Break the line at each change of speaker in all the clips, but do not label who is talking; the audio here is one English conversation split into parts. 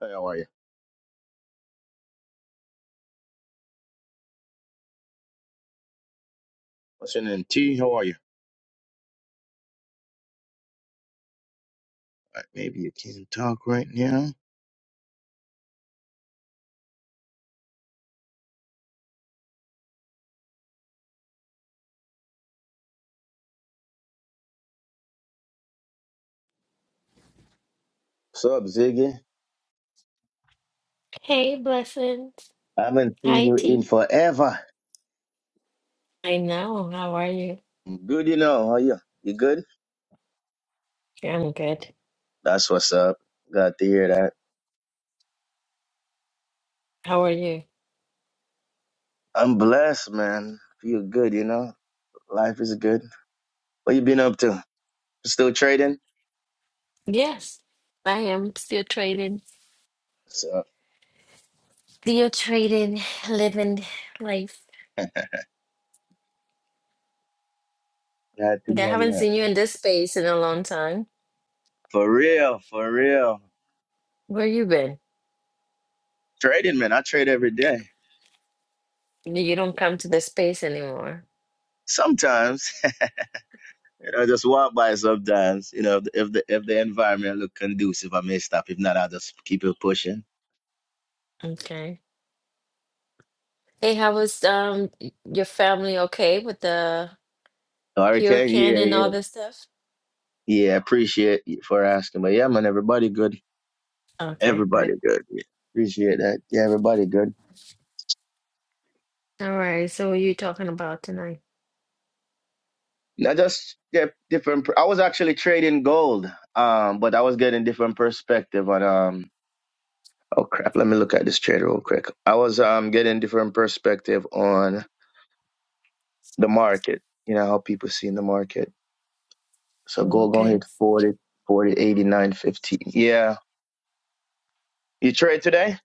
Hey, how are you? What's your name? T, how are you? Uh, Maybe you can't talk right now. What's up, Ziggy?
Hey, blessings.
I haven't seen
Hi,
you in
T.
forever.
I know. How are you?
Good, you know. How you? You good?
Yeah, I'm good.
That's what's up. Glad to hear that.
How are you?
I'm blessed, man. Feel good, you know. Life is good. What you been up to? Still trading?
Yes, I am still trading.
What's up?
Still trading, living life.
Glad to
I
know,
haven't
man.
seen you in this space in a long time.
For real, for real.
Where you been?
Trading, man. I trade every day.
You don't come to this space anymore.
Sometimes. You know, just walk by sometimes. You know, if the if the, environment look conducive, I may stop. If not, I'll just keep it pushing.
Okay. Hey, how was um y- your family okay with the
Hurricane,
hurricane
yeah,
and
yeah,
all this stuff?
yeah. Appreciate you for asking, but yeah, man, everybody good.
Okay,
Everybody
good.
good. Yeah. Appreciate that. Yeah, everybody good.
All right. So what are you talking about tonight?
I just get different. per- I was actually trading gold, um, but I was getting different perspective on um. Oh crap! Let me look at this trade real quick. I was um getting different perspective on the market. You know how people see in the market So go go ahead
Okay.
40, forty, eighty-nine, fifteen. Yeah. You trade today?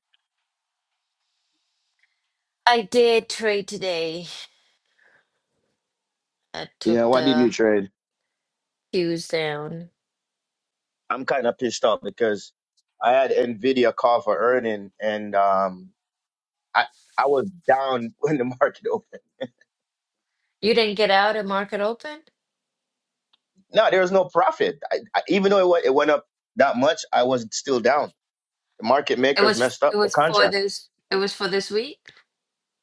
I did trade today. I
Yeah,
took
Why did
the
you trade?
queues down.
I'm kind of pissed off because I had Nvidia call for earning and um I I was down when the market opened.
You didn't get out at market open?
No, there was no profit. I, I, even though it went, it went up that much, I was still down. The market
It
makers
was
messed up
it
the
was for
contract.
this it was for this week?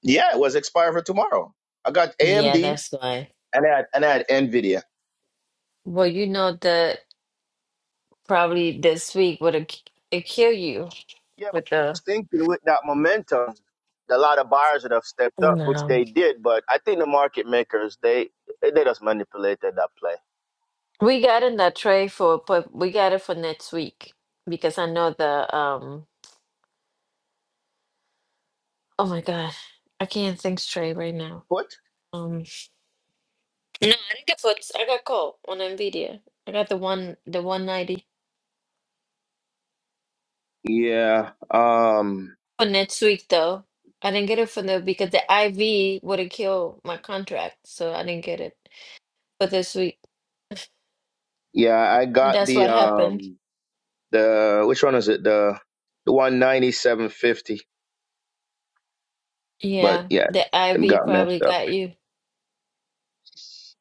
Yeah, it was expired for tomorrow. I got
Yeah,
AMD
that's why.
and I had, and I had Nvidia.
Well, you know that probably this week would have it kill you
Yeah, but
with the
who's thinking with that momentum, a lot of buyers would have stepped up, which
no.
they did. But I think the market makers they they just manipulated that play.
We got in that tray for but we got it for next week because I know the um oh my god I can't think straight right now.
What?
Um no I didn't get for I got cold on Nvidia. I got the one the one ninety.
Yeah. Um.
for next week though. I didn't get it for the because the IV would have killed my contract, so I didn't get it for this week.
Yeah, I
And
got
that's
the
what happened.
um the which one is it the the one ninety seven fifty. But
Yeah,
yeah,
the
it
IV
got messed
probably
up.
got you.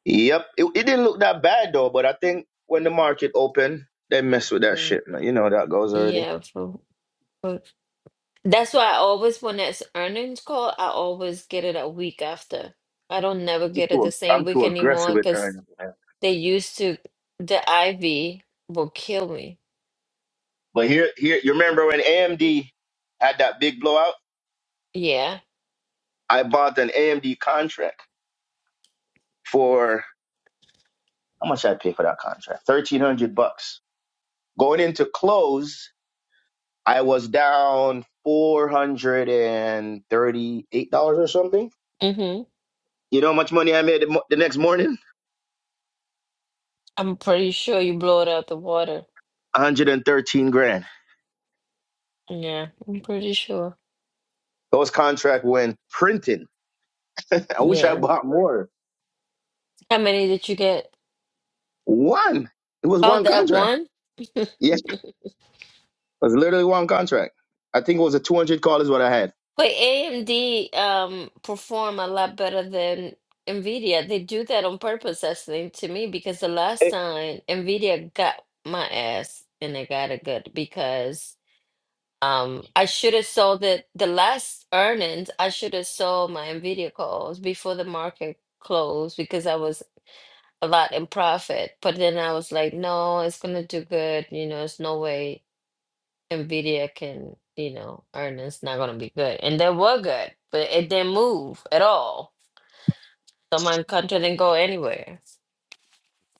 Yep. It, it didn't look that bad though. But I think when the market opened, they mess with that
Mm,
shit. Man. You know how that goes already.
Yeah, for, for that's why I always when it's earnings call, I always get it a week after. I don't never
I'm
get it the
too,
same
I'm too
week
aggressive
anymore
with
because
earnings. man.
they used to the IV will kill me.
But here, here, you remember when AMD had that big blowout?
Yeah.
I bought an AMD contract for how much I paid for that contract? Thirteen hundred bucks. Going into close, I was down four hundred and thirty-eight dollars or something.
Mm-hmm.
You know how much money I made the, mo- the next morning?
I'm pretty sure you blow it out the water.
One hundred and thirteen grand.
Yeah, I'm pretty sure.
Those contract went printing. I wish I
Yeah.
bought more.
How many did you get?
One. It was
Oh,
one
that
contract.
one?
Yes, it was literally one contract. I think it was a two hundred call is what I had.
But AMD um perform a lot better than Nvidia. They do that on purpose, actually, to me, because the last
Eh.
time Nvidia got my ass and I got it good because um I should have sold it the last earnings, I should have sold my Nvidia calls before the market closed because I was a lot in profit. But then I was like, no, it's gonna do good, you know, it's no way. Nvidia can, you know, earnings not gonna be good. And they were good, but it didn't move at all. So my country didn't go anywhere.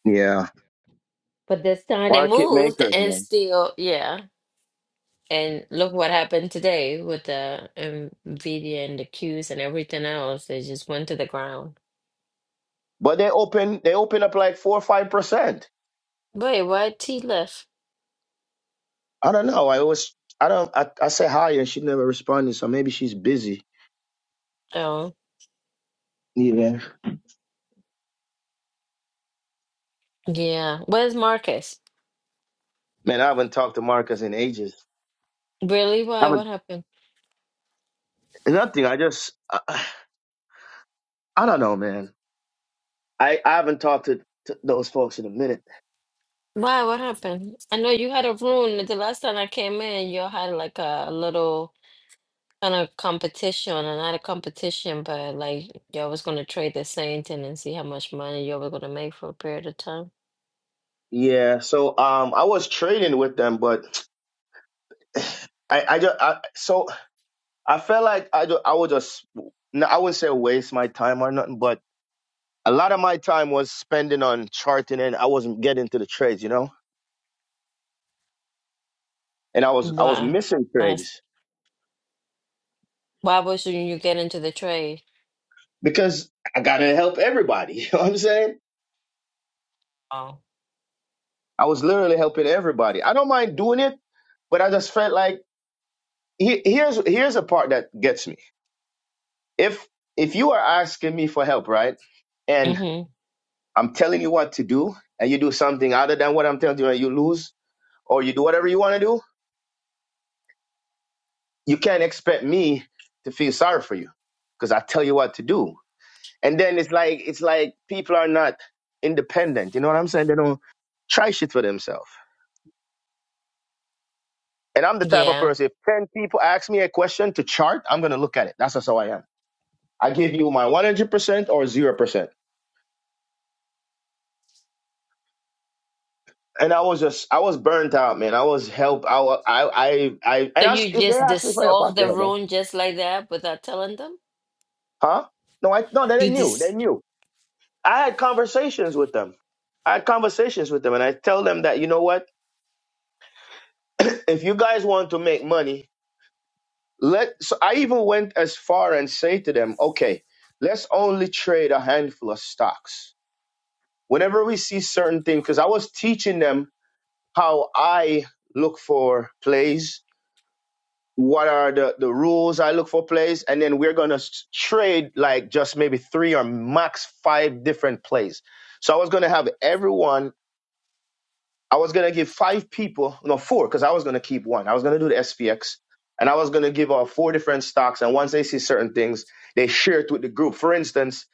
Yeah.
But this time it
Market
moved
makers,
and
man.
still, yeah. And look what happened today with the Nvidia and the Qs and everything else. They just went to the ground.
But they open they open up like four or five percent.
Wait, why T left?
I don't know. I always I don't I, I say hi and she never responded, so maybe she's busy.
Oh,
Yeah.
yeah. Where's Marcus?
Man, I haven't talked to Marcus in ages.
Really?
I
Why?
haven't
What happened?
nothing. I just I, I don't know, man. I, I haven't talked to, to those folks in a minute.
Why? What happened? I know you had a room the last time I came in. You all had like a little. kind of competition, or not a competition, but like y'all was gonna trade the same thing and see how much money y'all were gonna make for a period of time.
Yeah. So um I was trading with them, but I I just I, so I felt like I ju- I would just no, I wouldn't say waste my time or nothing, but a lot of my time was spending on charting and I wasn't getting to the trades, you know? And I was I was
Why?
missing
Honest-
trades
Why was you you get into the trade?
because I gotta help everybody. You know what I'm saying?
Oh.
I was literally helping everybody. I don't mind doing it, but I just felt like he- here's here's a part that gets me. If if you are asking me for help, right? And
Mm-hmm.
I'm telling you what to do, and you do something other than what I'm telling you and you lose, or you do whatever you want to do, you can't expect me to feel sorry for you because I tell you what to do And then it's like it's like people are not independent. You know what I'm saying? They don't try shit for themselves. And I'm the type of
Yeah.
person. If ten people ask me a question to chart, I'm gonna look at it. That's just how I am. I give you my 100 percent or zero percent. And I was just I was burnt out, man. I was help. I wa- I I, I
So
and I,
you
if they
just
asked me for help, I
dissolve
still
the
help them.
room just like that without telling them?
Huh? No, I no. They
You
knew. They
dis
knew. I had conversations with them. I had conversations with them, and I tell them that you know what? if you guys want to make money, Let so I even went as far and say to them, okay, let's only trade a handful of stocks. Whenever we see certain things, because I was teaching them how I look for plays, what are the, the rules I look for plays, and then we're gonna trade like just maybe three or max five different plays. So I was gonna have everyone I was gonna give five people, no four, because I was gonna keep one. I was gonna do the SPX, and I was gonna give out four different stocks. And once they see certain things, they share it with the group. For instance,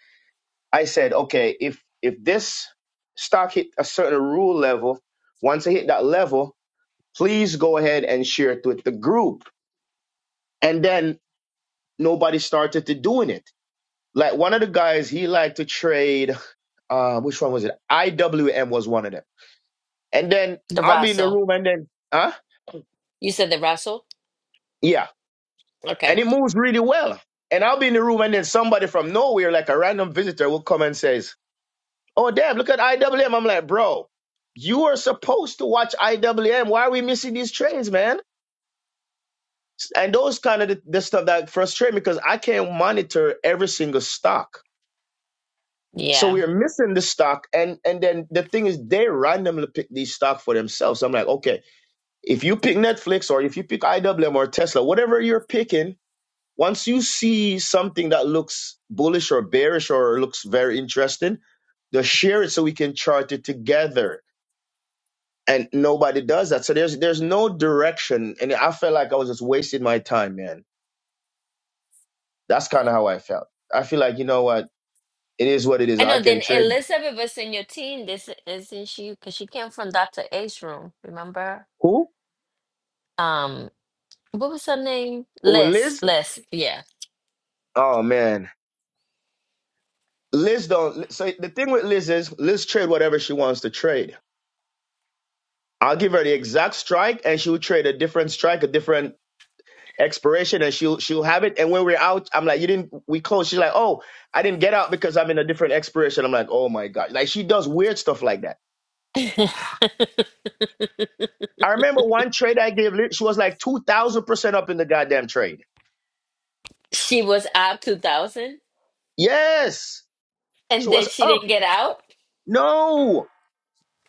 I said, okay, if if this stock hit a certain rule level, once it hit that level, please go ahead and share it with the group. And then nobody started to doing it. Like one of the guys, he liked to trade. Uh, which one was it? IWM was one of them. And then
the
I'll be in the
Russell.
room, and then, huh?
You said the Russell?
Yeah and
Okay.
it moves really well. And I'll be in the room, and then somebody from nowhere, like a random visitor, will come and says, "Oh, damn! Look at IWM." I'm like, "Bro, you are supposed to watch IWM. Why are we missing these trains, man?" And those kind of the, the stuff that frustrate me because I can't monitor every single stock. So
Yeah.
we're missing the stock, and and then the thing is, they randomly pick these stock for themselves. I'm like, okay, if you pick Netflix or if you pick IWM or Tesla, whatever you're picking, Once you see something that looks bullish or bearish or looks very interesting, just share it so we can chart it together. And nobody does that. So there's there's no direction. And I felt like I was just wasting my time, man. That's kind of how I felt. I feel like, you know what? It is what it is.
I
I
know.
can
Then
trade.
Elizabeth was in your team. This isn't she? Because she came from Dr. A's room. Remember?
Who?
Um. What was her name?
Oh,
Liz.
Liz?
Liz. Yeah.
Oh man. Liz don't so the thing with Liz is Liz trade whatever she wants to trade. I'll give her the exact strike and she'll trade a different strike, a different expiration and she'll she'll have it and when we're out i'm like you didn't we close she's like oh i didn't get out because i'm in a different expiration i'm like oh my god like she does weird stuff like that i remember one trade i gave she was like 2000% up in the goddamn trade
she was up 2000
yes she
and then
was
she
up
didn't get out.
no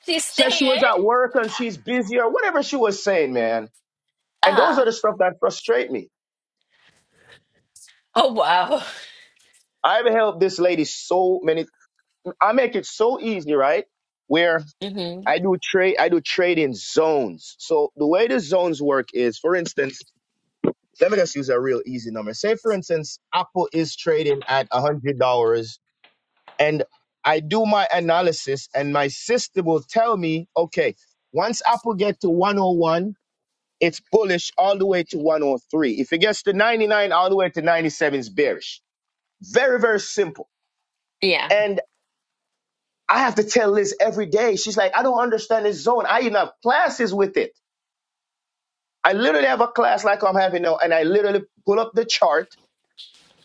She
says she was at
stayed.
work and she's busy or whatever she was saying man and those are
Uh,
the stuff that frustrate me
oh, wow.
i've helped this lady so many i make it so easy right Where.
hmm
I do trade. I do trade in zones. So the way the zones work is, for instance, let me just use a real easy number. Say, for instance, Apple is trading at a hundred dollars, and I do my analysis, and my system will tell me, okay, once Apple get to one hundred one, it's bullish all the way to one hundred three. If it gets to ninety nine, all the way to ninety seven, is bearish. Very very simple.
Yeah.
And I have to tell Liz every day. She's like, I don't understand this zone. I even have classes with it. I literally have a class like I'm having now, and I literally pull up the chart,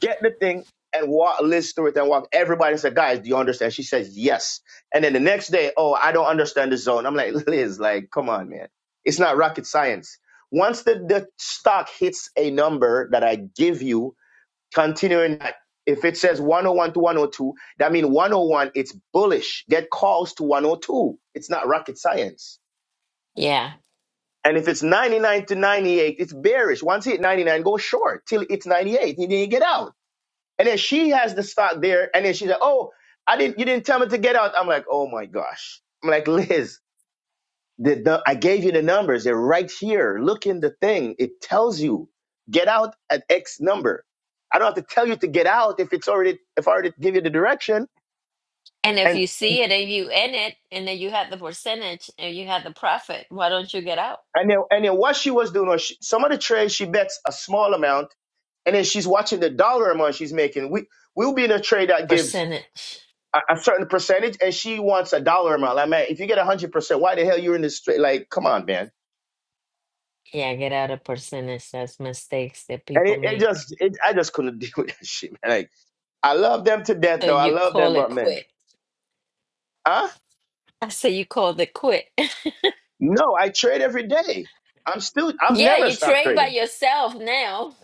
get the thing, and walk, list through it, and walk everybody and say, guys, do you understand? She says, yes. And then the next day, oh, I don't understand the zone. I'm like, Liz, like, come on, man. It's not rocket science. Once the, the stock hits a number that I give you, continuing that, if it says 101 to 102, that means 101, it's bullish. Get calls to 102. It's not rocket science.
Yeah.
And if it's 99 to 98, it's bearish. Once you hit 99, go short till it's 98, and then you get out. And then she has the stock there, and then she's like, "Oh, I didn't. You didn't tell me to get out." I'm like, "Oh my gosh!" I'm like, "Liz, the, the, I gave you the numbers. They're right here. Look in the thing. It tells you get out at X number. I don't have to tell you to get out if it's already if I already give you the direction."
And if
And
you see it and you in it and then you had the percentage and you had the profit, why don't you get out?
and then, and then what she was doing was she, some of the trades she bets a small amount and then she's watching the dollar amount she's making. We we'll be in a trade that gives
Percentage.
a, a certain percentage, and she wants a dollar amount. Like man, if you get a hundred percent, why the hell you're in this trade? Like, come on, man.
Yeah, get out of percentage. That's mistakes that
And
people
it, it
make.
just, it, I just couldn't deal with that shit, man. Like, I love them to death,
So
though. I
you
love them,
call it
but man,
quit.
huh?
I say you call it quit.
No, I trade every day. I'm still, I've
yeah,
never
you
stopped
trade by
trading.
yourself now.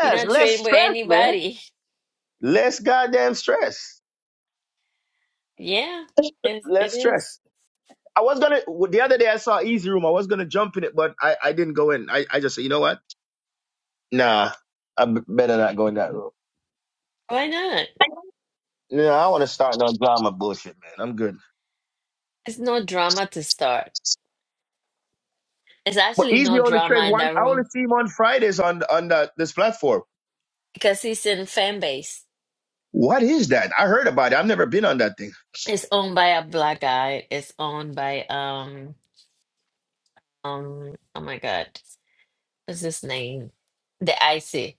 You're not
less
trading with
stress, man.
anybody.
Less goddamn stress.
Yeah, it, it
Less
is.
stress. I was gonna the other day I saw Easy Room. I was gonna jump in it, but I, I didn't go in. I, I just said, you know what? Nah, I b- better not go in that route.
Why not?
Yeah, I want to start no drama bullshit, man. I'm good.
It's no drama to start. It's
But
actually
Easy
no
only trade
drama in
one.
that
I only
room
see him on Fridays on on that this platform.
because he's in fan base.
What is that? I heard about it. I've never been on that thing.
It's owned by a black guy. It's owned by um um oh my god, what's his name? The Icy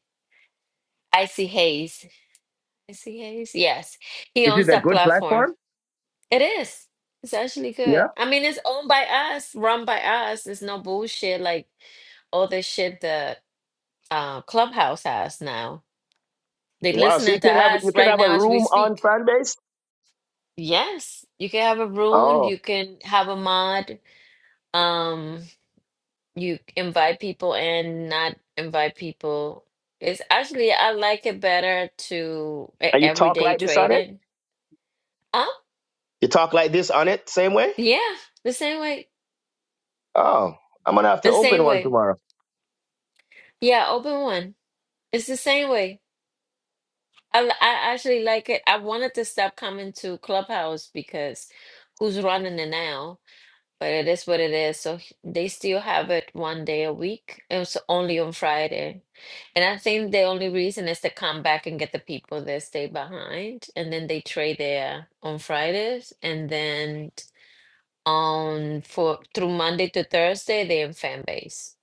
Icy Hayes. Icy Hayes. Yes, he
Is it
owns
a
that
good
platform.
platform?
It is. It's actually good.
Yeah.
I mean, it's owned by us, run by us. It's no bullshit like all the shit the uh, Clubhouse has now. They're
Wow. So you
listening to
can have you
us
can
right
have a
now as we
room on
speak.
Fanbase.
Yes, you can have a room,
Oh,
you can have a mod, um, you invite people and not invite people. It's actually I like it better to e-
and you talk
everyday
like this on it.
trading. Oh,
You talk like this on it, same way.
yeah, the same way.
Oh, I'm gonna have to
The
open
same
one
way.
tomorrow.
Yeah, open one. It's the same way. I, l- I actually like it. I wanted to stop coming to Clubhouse because who's running it now? But it is what it is. So h- they still have it one day a week. It was only on Friday. And I think the only reason is to come back and get the people that stay behind. And then they trade there on Fridays. And then on for through Monday to Thursday, they're in fan base.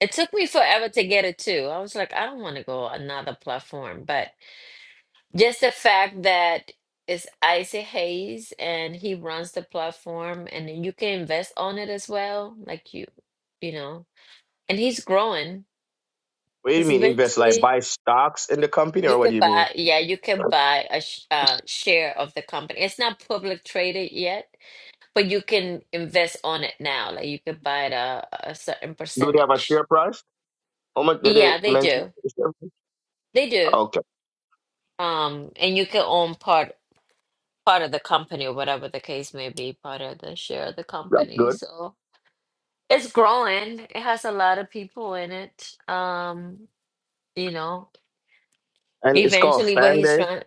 It took me forever to get it too. I was like, I don't want to go another platform, but just the fact that it's Isaac Hayes and he runs the platform and then you can invest on it as well, like you, you know, and he's growing
What do you
because
mean invest? Like
eventually
buy stocks in the company, or
you
what do
can
you mean?
buy, yeah, you can buy a sh uh, share of the company. It's not public traded yet, but you can invest on it now. Like you could buy it a, a certain
Do they have a
percentage.
share price? How much did
Yeah,
it
they
mention?
do. They do.
Okay,
Um, and you can own part part of the company or whatever the case may be, part of the share of the
that's
company.
good.
So it's growing. It has a lot of people in it. Um, you know,
And it's called
eventually what
Fan
he's
Day.
trying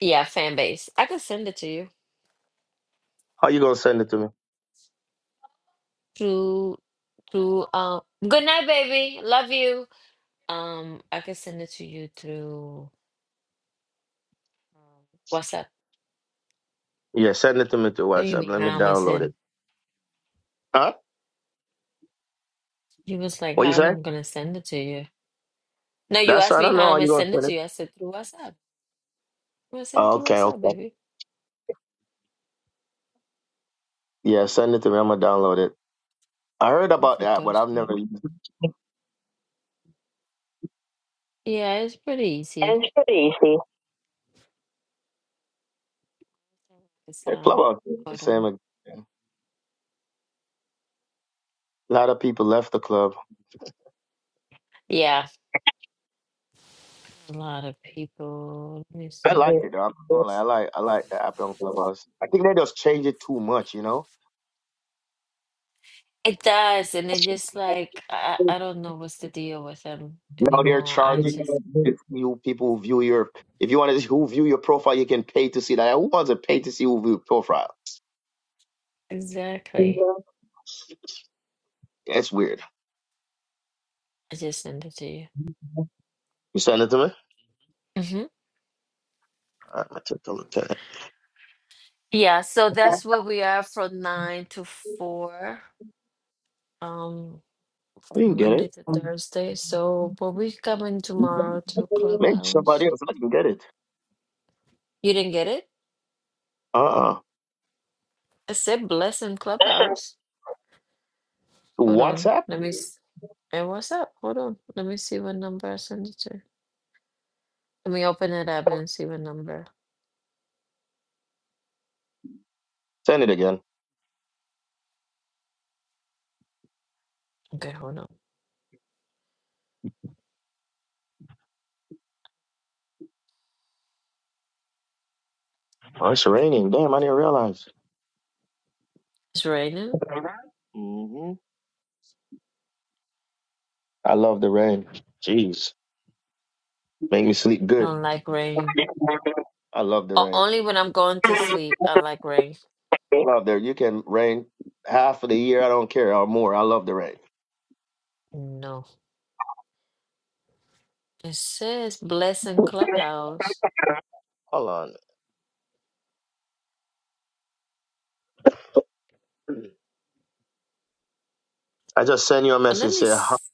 yeah, fan base. I can send it to you.
How you gonna send it to me?
Through through um good night, baby. Love you. Um, I can send it to you through um, WhatsApp.
Yeah, send it to me to
What do you
WhatsApp.
mean
Let me
how am I
download it.
send?
Huh?
He was like,
What you
How am
say?
I gonna send it to you? No, you
That's
asked
I
me
don't know
how
how
am I
you gonna
send it
send
to
it.
you. I said through WhatsApp. I send it
Oh,
through
okay,
WhatsApp,
okay.
baby.
Yeah, send it to me. I'm gonna download it. I heard about
For
that, but I've
Thursday.
never used it.
Yeah, it's pretty easy.
And it's pretty easy.
So,
The club out the
hold
same.
on.
again. A lot of people left the club.
Yeah, a lot of people. Let me
I like
see.
it. Though. I'm not gonna lie. I like I like the app on Clubhouse. I think they just change it too much, you know.
It does, and it just like I, I don't know what's the deal with them
Now they're
anymore. I
charging
just
you people who view your. If you want to who view your profile, you can pay to see that. Who wants to pay to see who view profile?
exactly.
That's weird.
I just send it to you.
You send it to me.
hmm
I I took a look at it.
Yeah, so that's where we are from nine to four, um,
I didn't get it.
Monday to Thursday. So, but we coming tomorrow to
Maybe somebody
Clubhouse.
else. I can get it.
You didn't get it?
Uh uh
I said blessing Clubhouse. Hold on.
WhatsApp.
Let me. s- Hey, what's up? Hold on. Let me see what number I sent it to. Let me open it up and see what number.
Send it again.
Okay, hold on.
Oh, it's raining. Damn, I didn't realize.
It's raining.
hmm I love the rain. Jeez, make me sleep
I
good.
don't like rain.
I love the
O-
rain.
only when I'm going to sleep, I like rain.
Out there, you can rain half of the year. I don't care or more. I love the rain.
No. It says Blessing Clubhouse.
Hold on. I just sent you a
Uh, Let
message.
me.
Say, huh,
s-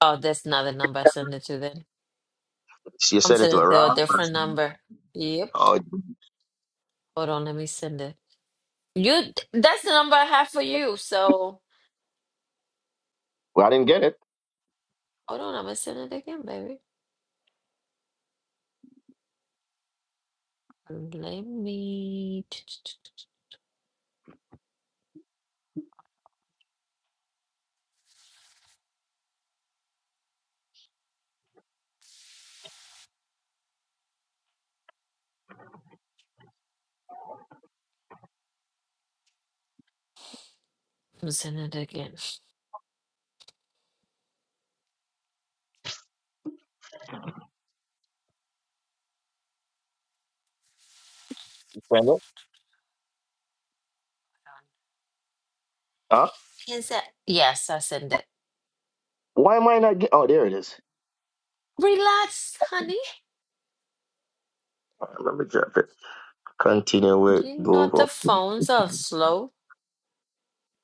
Oh, that's not the number I sent it to then.
you
I'm
sent it to
sending
a
it to a
wrong
different
person.
number. Yep.
Oh,
Hold on. Let me send it. You. th- That's the number I have for you. So
well, I didn't get it.
hold on. I'm going to send it again, baby. Let me. I'm sending it again.
Send it. Huh?
Is that? Yes, I send it.
Why am I not get? Oh, there it is.
Relax, honey.
All right, Let me drop it. Continue with
You know the
Google.
phones are slow.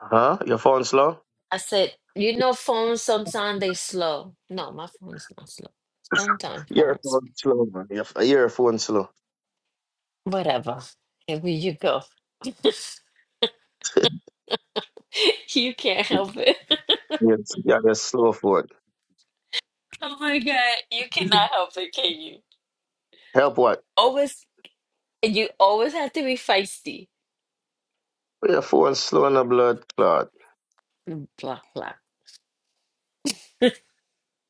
Huh? Your phone slow?
I said, you know phones sometimes they slow. No, my phone's not slow. Sometimes
Your
phones.
phone slow, man. Your, your phone slow.
Whatever. Here we- you go. you can't help it.
Yes. Yeah, you're slow for
oh my god. You
it.
cannot help it, can you?
Help what?
Always and you always have to be feisty.
Your phone slow in the blood clot.
Blah blah.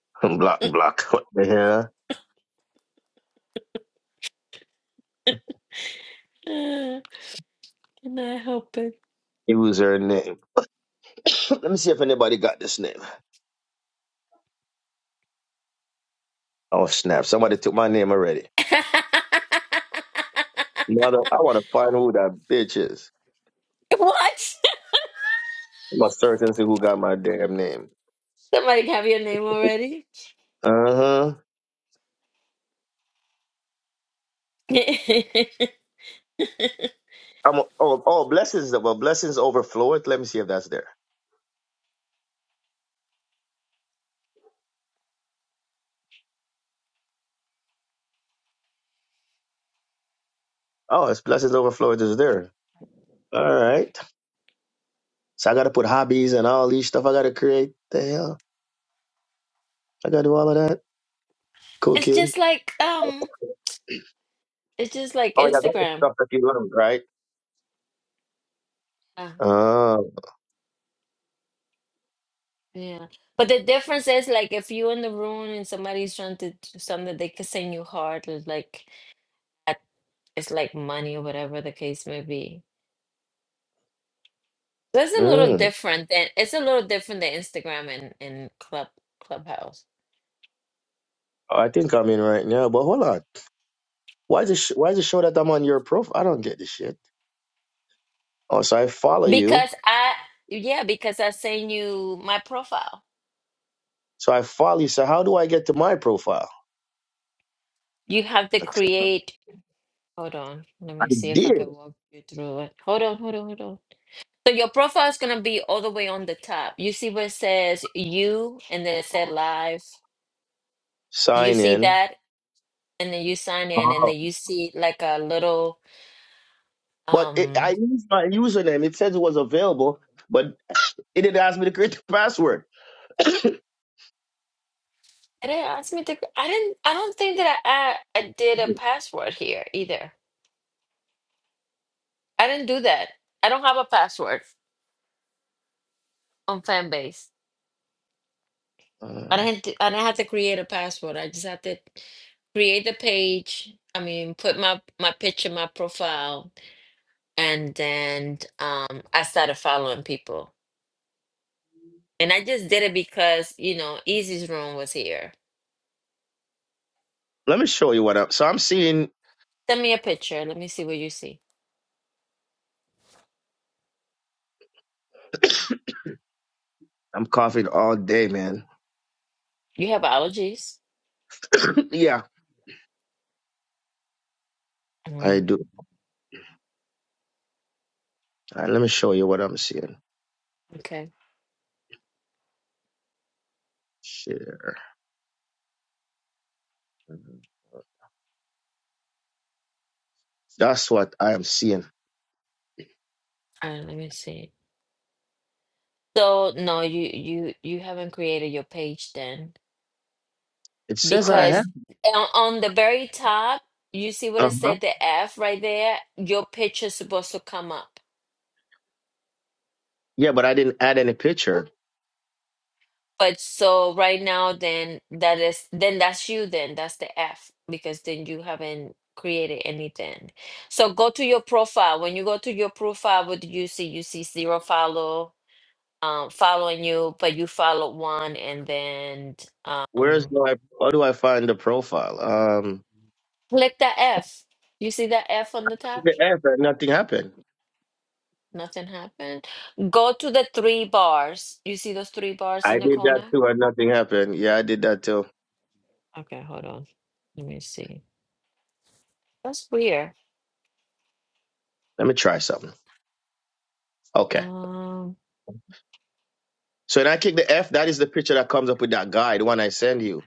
Block, block. What the hell?
Uh, Can I help it?
Username. Let me see if anybody got this name. Oh, snap. Somebody took my name already. Mother, I want to find who that bitch is.
What?
I'm a certainty who got my damn name.
Somebody have your name already?
Uh-huh.
it's
I'm oh oh blessings well blessings overfloweth. Let me see if that's there. Oh, it's blessings overfloweth is there. All right. So I gotta put hobbies and all these stuff I gotta create. The hell? I gotta do all of that. Cooking.
just like um, it's just like
Oh yeah, that's the
Instagram.
stuff that you learned, right?
Yeah,
Oh,
yeah. But the difference is like if you're in the room and somebody's trying to do something, they could send you hard. It's like at- it's like money or whatever the case may be. That's a little
mm.
different than it's a little different than Instagram and and club clubhouse
Oh, I think I'm in right now. But hold on. Why is it sh- why is it show that I'm on your profile? I don't get this shit. Oh, so I follow you.
because I yeah because I send you my profile.
So I follow you. So how do I get to my profile?
You have to
I
create. Hold on. Let me see if I
did.
can walk you through it. Hold on, hold on, hold on. So your profile is gonna be all the way on the top. You see where it says you and then it said live. Do you
sign
see
in.
that? And then you sign in and
Oh.
then you see like a little
But it,
um
I used my username. It says it was available, but it didn't ask me to create the password.
and it asked me to I didn't I don't think that I, I I did a password here either. I didn't do that. I don't have a password on Fanbase. I
Um,
didn't do- I didn't have to create a password. I just had to create the page. I mean, put my my picture, my profile, and then um, I started following people. And I just did it because you know, Easy's room was here.
let me show you what I'm. So I'm seeing.
Send me a picture. Let me see what you see.
I'm coughing all day, man.
You have allergies?
yeah, I
Mm,
do. All right, let me show you what I'm seeing.
okay.
Share. That's what I am seeing.
Uh, let me see. So no, you you you haven't created your page then.
It says I have.
because on, on the very top, you see what it
Uh-huh.
said, the F right there, your picture's supposed to come up.
Yeah, but I didn't add any picture.
But so right now, then that is, then that's you, then that's the F, because then you haven't created anything. So go to your profile. When you go to your profile, what do you see? You see zero follow, um, following you, but you followed one, and then
Where's
um,
my? How do I find the profile? Um,
click the F. You see that F on the top?
the app and nothing happened.
Nothing happened. Go to the three bars. You see those three bars
I
in the
did that
corner?
too, and nothing happened. Yeah, I did that too.
Okay, hold on. Let me see. That's weird.
Let me try something. Okay.
Um,
So when I click the F, that is the picture that comes up with that guy, the one I send you.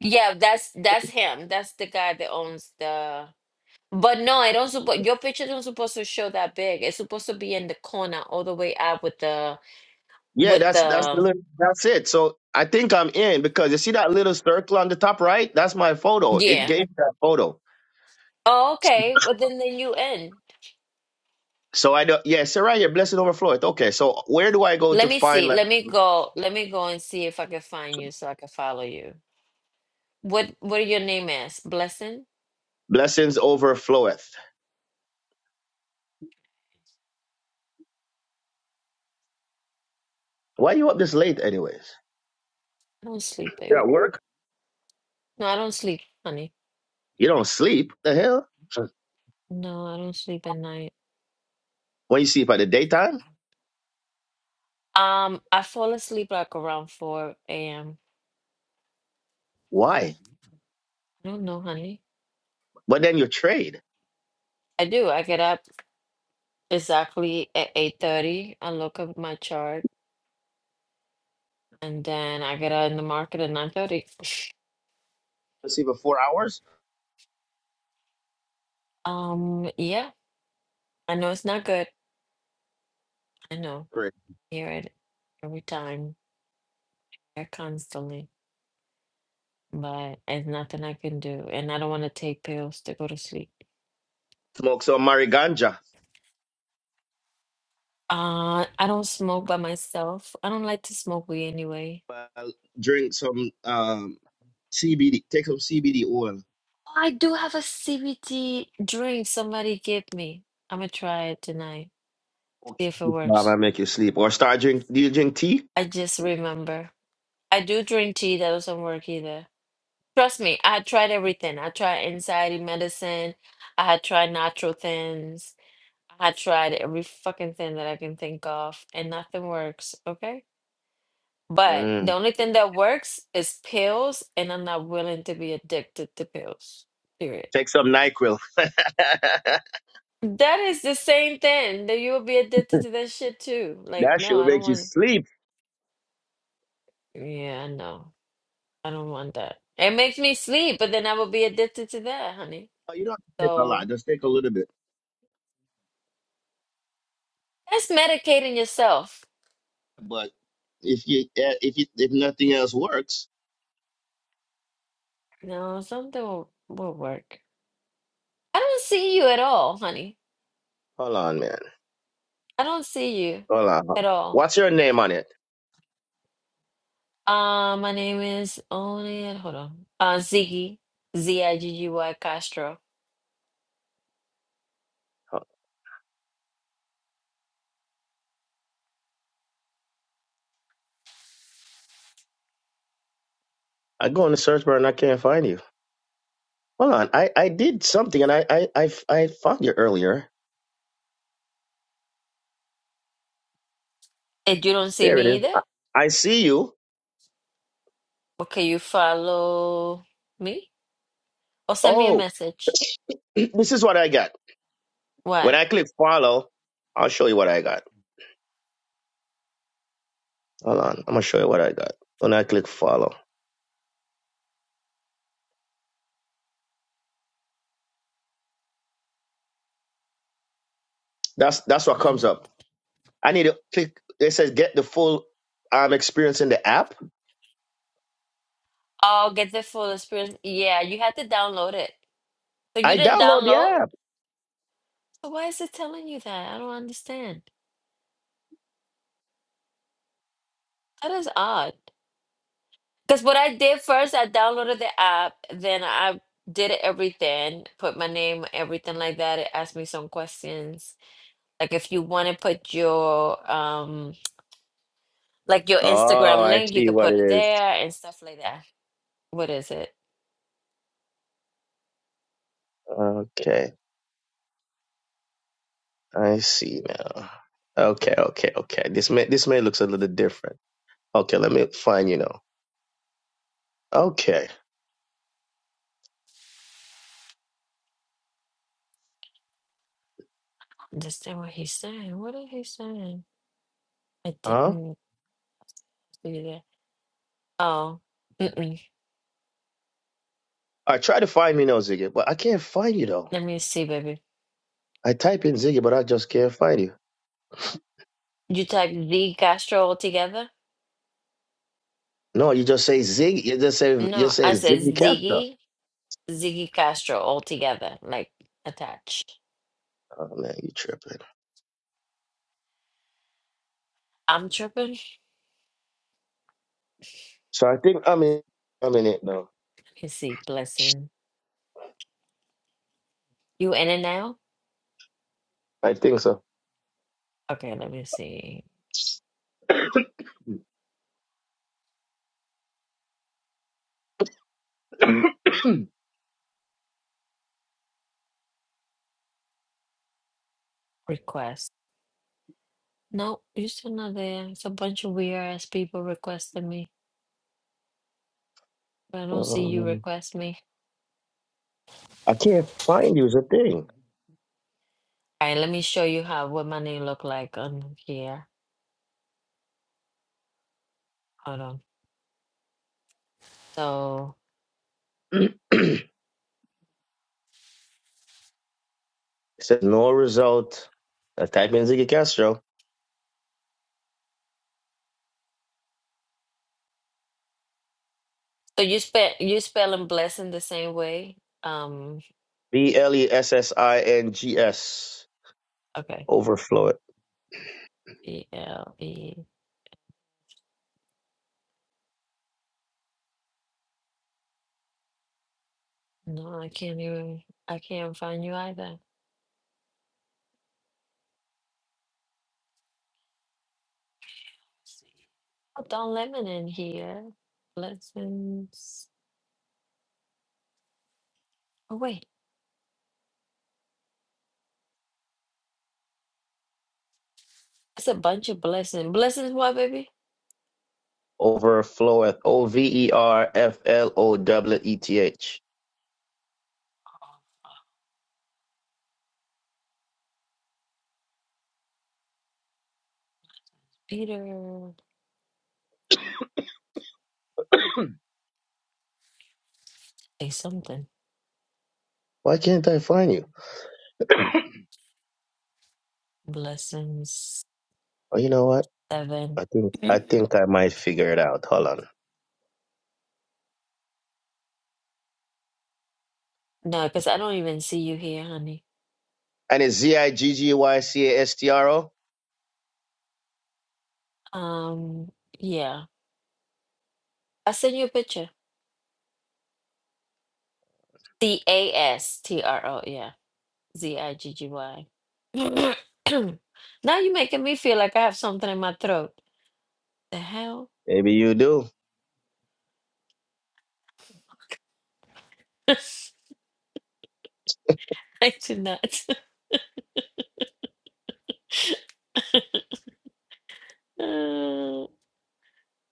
yeah, that's that's him. That's the guy that owns the. But no, I don't suppose your picture don't supposed to show that big. It's supposed to be in the corner, all the way up with the
Yeah,
with
that's that's the
the
little, that's it. So I think I'm in because you see that little circle on the top right? That's my photo. It
yeah.
gave that photo.
Oh, okay. Well, then then you in.
So I don't yeah, so right here, blessing overfloweth. Okay, so where do I go to
Let me
find
see.
like
Let me go. Let me go and see if I can find you so I can follow you. What what your name is? Blessing?
blessings overfloweth? Why you up this late anyways?
I don't sleep,
You're at
baby.
work?
No, I don't sleep, honey.
You don't sleep. The hell?
No, I don't sleep at night.
When you sleep at the daytime?
Um, I fall asleep like around 4 a.m.
Why?
I don't know, honey.
But then you trade.
I do. I get up exactly at 8:30. I look at my chart and then I get out in the market at 9:30.
You sleep for four hours?
Um, yeah, I know it's not good. I know.
Great.
Hear it every time. Hear it constantly. But it's nothing I can do. And I don't want to take pills to go to sleep.
Smoke some mariganja.
Uh, I don't smoke by myself. I don't like to smoke weed anyway.
Well, drink some um CBD. Take some CBD oil.
I do have a CBD drink somebody gave me. I'm gonna try it tonight, see
Okay.
if it
Um,
works.
I make you sleep. Or start drink. Do you drink tea?
I just remember. I do drink tea that doesn't work either. Trust me, I tried everything. I tried anxiety medicine. I had tried natural things. I had tried every fucking thing that I can think of, and nothing works. Okay? But
Mm.
the only thing that works is pills, and I'm not willing to be addicted to pills. Period.
Take some Nyquil. that
That is the same thing that you will be addicted to that shit too. Like, no,
shit will
I don't
make you
want.
sleep.
Yeah, no, I don't want that. It makes me sleep, but then I will be addicted to that, honey.
Oh, You don't have to take a lot.
So
Just take a little bit.
that's medicating yourself.
But if you eh, if you if nothing else works,
No, something will, will work. I don't see you at all, honey.
hold on, man.
I don't see you
Hold on.
at all.
What's your name on it?
Uh, my name is only hold on. Uh, Ziggy Z I G G Y Castro.
I go in the search bar and I can't find you. Hold on. I I did something and I I I, I found you earlier.
If you don't see
There
me
it is.
either,
I, I see you.
well, can you follow me or send me a
Oh,
message?
This is what I got.
What?
When I click follow, I'll show you what I got. Hold on. I'm gonna show you what I got. When I click follow. That's that's what comes up.
Planet.
I need to click it says get the full um experience in the app.
Oh, get the full experience. Yeah, you had to download it. So you
I
didn't
download the
download?
app.
So why is it telling you that? I don't understand. That is odd. Because what I did first, I downloaded the app, then I did everything, put my name, everything like that. It asked me some questions Like if you want to put your um like your
Oh,
Instagram
I
link, you
see
could
what
put it
it is.
there and stuff like that. What is it?
Okay. I see now. Okay, okay, okay. This may this may looks a little different. Okay, let me find you now. Okay.
Understand what he's saying? What is he saying? I
Huh?
didn't see that. Oh, mm-mm.
I try to find me now, Ziggy, but I can't find you though.
Let me see, baby.
I type in Ziggy, but I just can't find you.
You type Z Castro all together?
No, you just say Zig. You just say you
No,
just say
I said
Ziggy Capstar.
Ziggy Ziggy Castro all together, like attached.
Oh man, you tripping.
I'm tripping.
So I think I'm in. I'm in it now.
Let me see. Blessing. You in it now?
I think so.
Okay, let me see. Request. No, you're still not there. It's a bunch of weird ass people requesting me. But I don't see you
Um,
request me.
I can't find you. Is a thing.
All right, let me show you how what my name look like on here. Hold on. So,
it says no result. I type in Ziggy Castro.
so you spell you spelling blessing the same way? Um,
B L E S S I N G S.
okay.
Overflow it.
B L E. No, I can't even. I can't find you either. Oh, Don Lemon in here. Blessings. Oh wait, it's a bunch of blessings. Blessings, what, baby?
Overfloweth. O V E R F L O W E T H.
Peter. Say something.
Why can't I find you?
Blessings.
Oh, you know what?
Seven.
I think I think I might figure it out. Hold on.
No, because I don't even see you here, honey.
And it's Z I G G Y C A S T R O.
Um, yeah. I send you a picture. C A S T R O, yeah. Z I G G Y. Now you're making me feel like I have something in my throat. The hell?
Maybe you do.
I do not. Uh,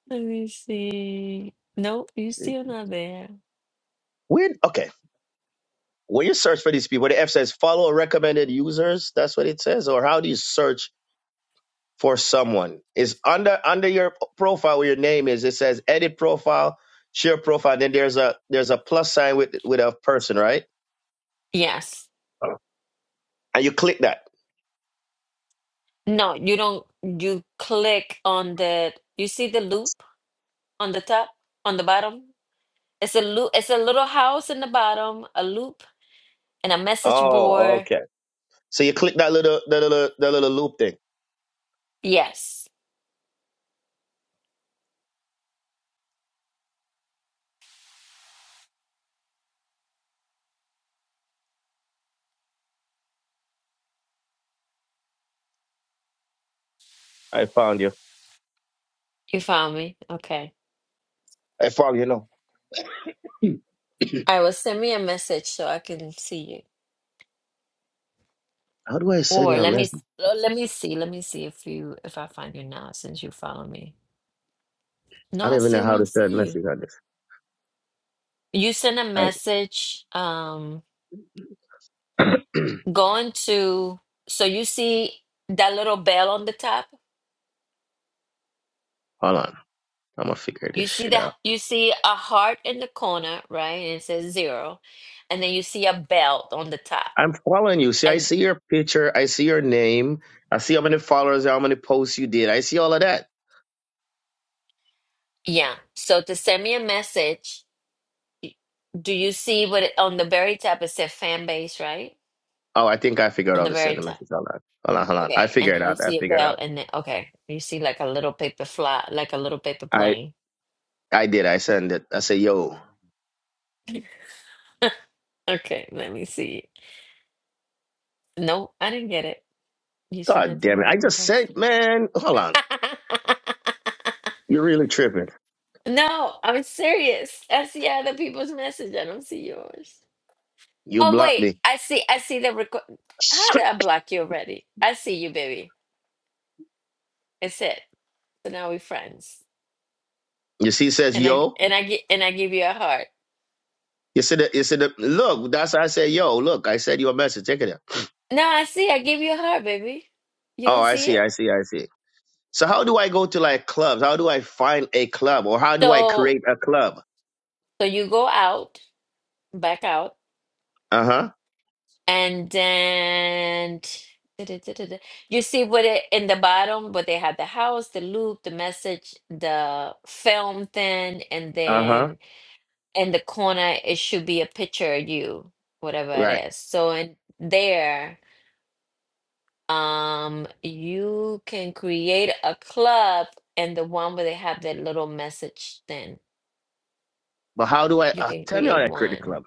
Let me see. Nope, you still not there.
Weird. Okay. when you search for these people, the F says follow recommended users. That's what it says. Or how do you search for someone? It's under under your p- profile where your name is. It says edit profile, share profile. Then there's a there's a plus sign with with a person, right?
Yes.
And you click that.
No, you don't. You click on the, you see the loop on the top, on the bottom? It's a loop. It's a little house in the bottom, a loop, and a message
Oh,
board.
okay. So you click that little the little the little loop thing.
Yes,
I found you.
you found me. Okay.
I found you. No.
All right. Well, send me a message so I can see you.
How do I send
Or
you a
let me
message?
oh, let me see. Let me see if you if I find you now since you follow me. No,
I
I
don't even know
still
how to
don't
send a
see you.
message on this.
You send a
I,
message. Um, going to so you see that little bell on the top.
hold on. I'm gonna figure
You
this
see
shit out.
that you see a heart in the corner, right? And it says zero, and then you see a bell on the top.
I'm following you. See, I
And
see your picture. I see your name. I see how many followers, how many posts you did. I see all of that.
yeah, so to send me a message, y- do you see what it, on the very top it said fan base, right?
Oh, I think I figured
On
out
the
to
very
send a
top.
message. Hold on. Hold on, hold on. I
Okay. And
figured it
then you
out. I
see a
figured it
bell
out.
and then okay, you see like a little paper fly, like a little paper
I
plane.
I did. I sent it. I said, yo,
Okay, let me see. No, I didn't get it. You sent
god
it to the
damn it. I
wrong
just said,
person.
man, hold on. You're really tripping.
No, I'm serious. I see other people's message. I don't see yours.
You
Oh
blocked
wait,
me.
I see. I see the record. How did I block you already? I see you, baby. It's it. So now we're friends.
You see, it says,
And I
yo.
and I get and I give you a heart.
You see the, you see the, look, that's why I said, yo, look, I sent you a message. Check it out.
No, I see. I give you a heart, baby. You
Oh,
don't
I
see
see, I
it?
see, I see. So how do I go to like clubs? How do I find a club or how do I
So
create a club?
so you go out, back out,
Uh huh.
and then da-da-da-da-da. you see what it in the bottom, but they had the house, the loop, the message, the film thing, and
Uh huh.
then in the corner it should be a picture of you, whatever it
Right.
is. So in there Um, you can create a club and the one where they have that little message thing.
But how do I
You
uh,
can
tell me how
create
I create a club?
one.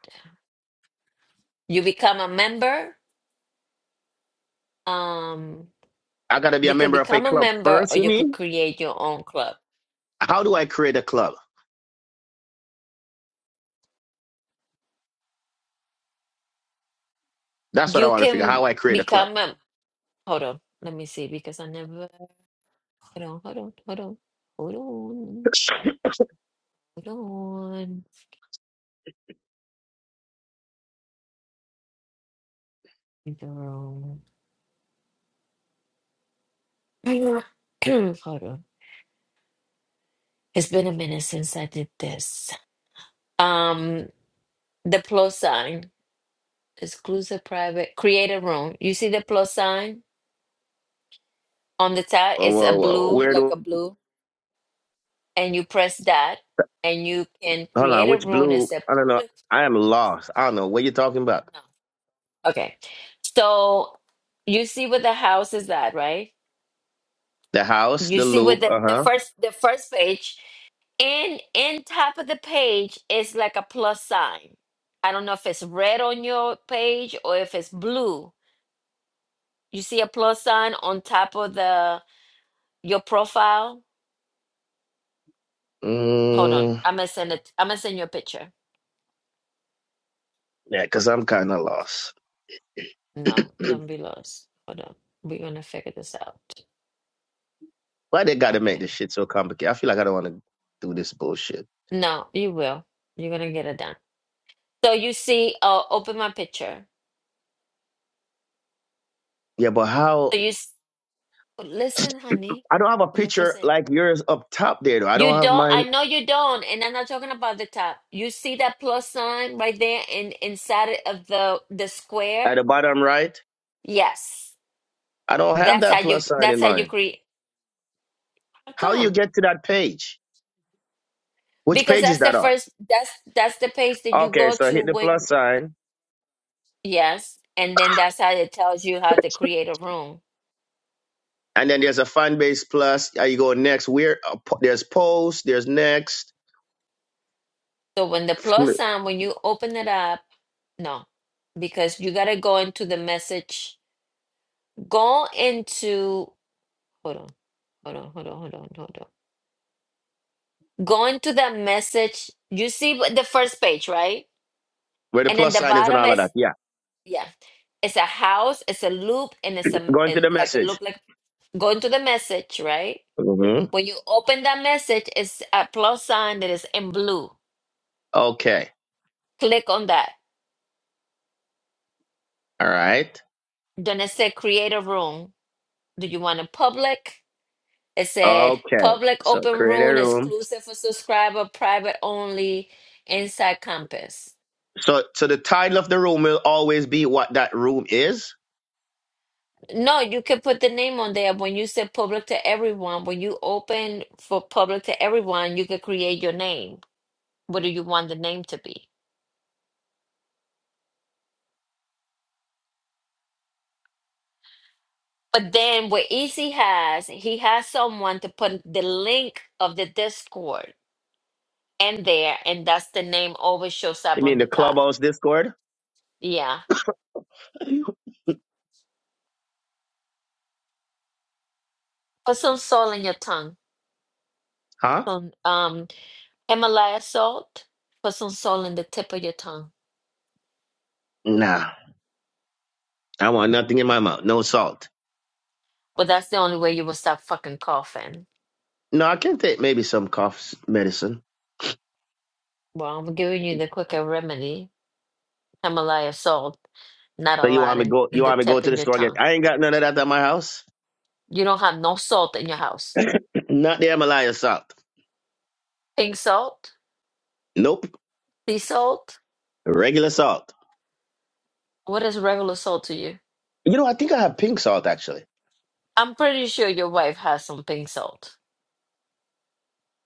You become a member. Um,
I gotta be a
you can
member of a
become a
club
member
first.
or
You
you could
mean?
create your own club.
How do I create a club? That's what I
You
want to figure. How
can
I create a club?
become a, hold on, let me see because I never, hold on, hold on, hold on, hold on, hold on. Hold on. Hold on. It's been a minute since I did this. Um, the plus sign, exclusive private, create a room. You see the plus sign on the top?
Whoa,
It's
whoa,
a
whoa.
blue,
Where
like
do?
a blue, and you press that, and you can
Hold on.
create a
Which
room and
blue?
say
I don't know.
public.
I am lost. I don't know what you're talking about.
No. Okay. So you see what the house is at, right?
The house,
You
the
see what
loop.
the,
Uh
the
huh.
first the first page and in top of the page is like a plus sign. I don't know if it's red on your page or if it's blue. You see a plus sign on top of the Your profile. Hold on.
Mm,
I'm gonna send it. I'm gonna send you a picture.
yeah, cause I'm kind of lost.
No, don't be lost. Hold on. We're gonna figure this out.
Why they gotta make
Okay.
this shit so complicated? I feel like I don't want to do this bullshit.
No, you will. You're gonna get it done. So you see, uh, open my picture.
Yeah, but how?
So you s- listen, honey.
I don't have a
Let me first
picture
say.
like yours up top there though. I don't
You
have
don't. I
mine
know you don't, and I'm not talking about the top. You see that plus sign right there, in inside it of the the
at
square.
the bottom right.
Yes,
I don't have
that's how
that
you.
plus sign in
That's how you
mind.
create. How
How you
come?
get to that page? Which
Because
page is
that's the
that on?
first that's that's the page that you
Okay,
go
so
to
hit the plus
when
sign,
yes, and then that's how it tells you how to create a room.
and then there's a fan base plus. uh, You go next. Where uh, po- there's post, there's next,
So when the plus
flip,
sign, when you open it up, no, because you gotta go into the message. Go into hold on, hold on, hold on, hold on, hold on. Go into the message. You see what- the first page, right?
where the
And then
plus
the
sign is and
bottom
all of that.
is
Yeah,
yeah, it's a house, it's a loop, and it's a
go into
it's
the
like a
message.
loop. like go into the message, right?
hmm
When you open that message, it's a plus sign that is in blue.
Okay,
Click on that.
all right.
Then it said create a room. Do you want a public? It said
Okay,
public
so
open
create a
room
room.
exclusive for subscriber, private only inside campus.
So, so the title of the room will always be what that room is.
No, you can put the name on there. When you say public to everyone, when you open for public to everyone, you can create your name. What do you want the name to be? But then what Easy has, he has someone to put the link of the Discord and there, and that's the name always shows
You
up
mean
on the
the
top.
clubhouse Discord?
Yeah. Put some salt in your tongue.
Huh?
Some um Himalaya salt. Put some salt in the tip of your tongue.
Nah, I want nothing in my mouth. No salt.
But that's the only way you will stop fucking coughing.
No, I can take maybe some cough medicine.
Well, I'm giving you the quicker remedy. Himalaya salt, not a
So you
lot
want me
in,
go?
in
You
the
want me go
tip
to
in
the
your
store? again?
tongue.
I ain't got none of that at my house.
You don't have no salt in your house.
Not the Himalaya salt.
Pink salt,
Nope.
sea salt.
Regular salt.
What is regular salt to you?
You know, I think I have pink salt actually.
I'm pretty sure your wife has some pink salt.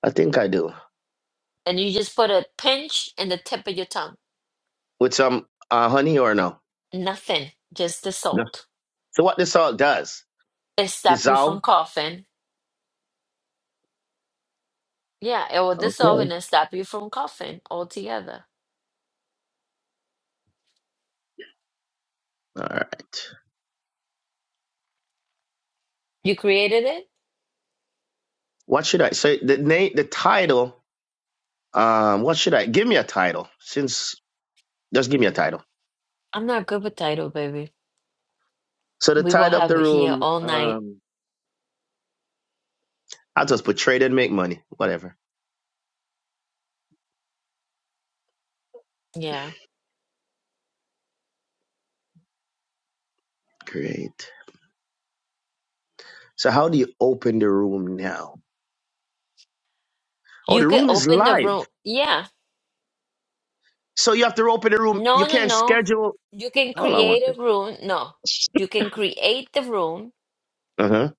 I think I do
And you just put a pinch in the tip of your tongue
with some uh, honey or no.
Nothing, just the
No.
salt.
So what the salt does?
It stop you
Dissolve.
from coughing. Yeah, it will dissolve
Okay.
and it stop you from coughing altogether.
All right.
You created it?
What should I? So the name, the title. Um, what should I? Give me a title. Since just give me a title.
I'm not good with title, baby.
So the
We will
title of
have
the
it here
room.
all night.
Um, I'll just put trade and make money. Whatever.
Yeah.
Great. So how do you open the room now? Oh,
You
the
can
room is
open the
live.
room. Yeah.
So you have to open the room. You
No, no,
can't
no.
schedule.
You can
Hold on one
create
second.
a room. No. You can create the room.
Uh huh.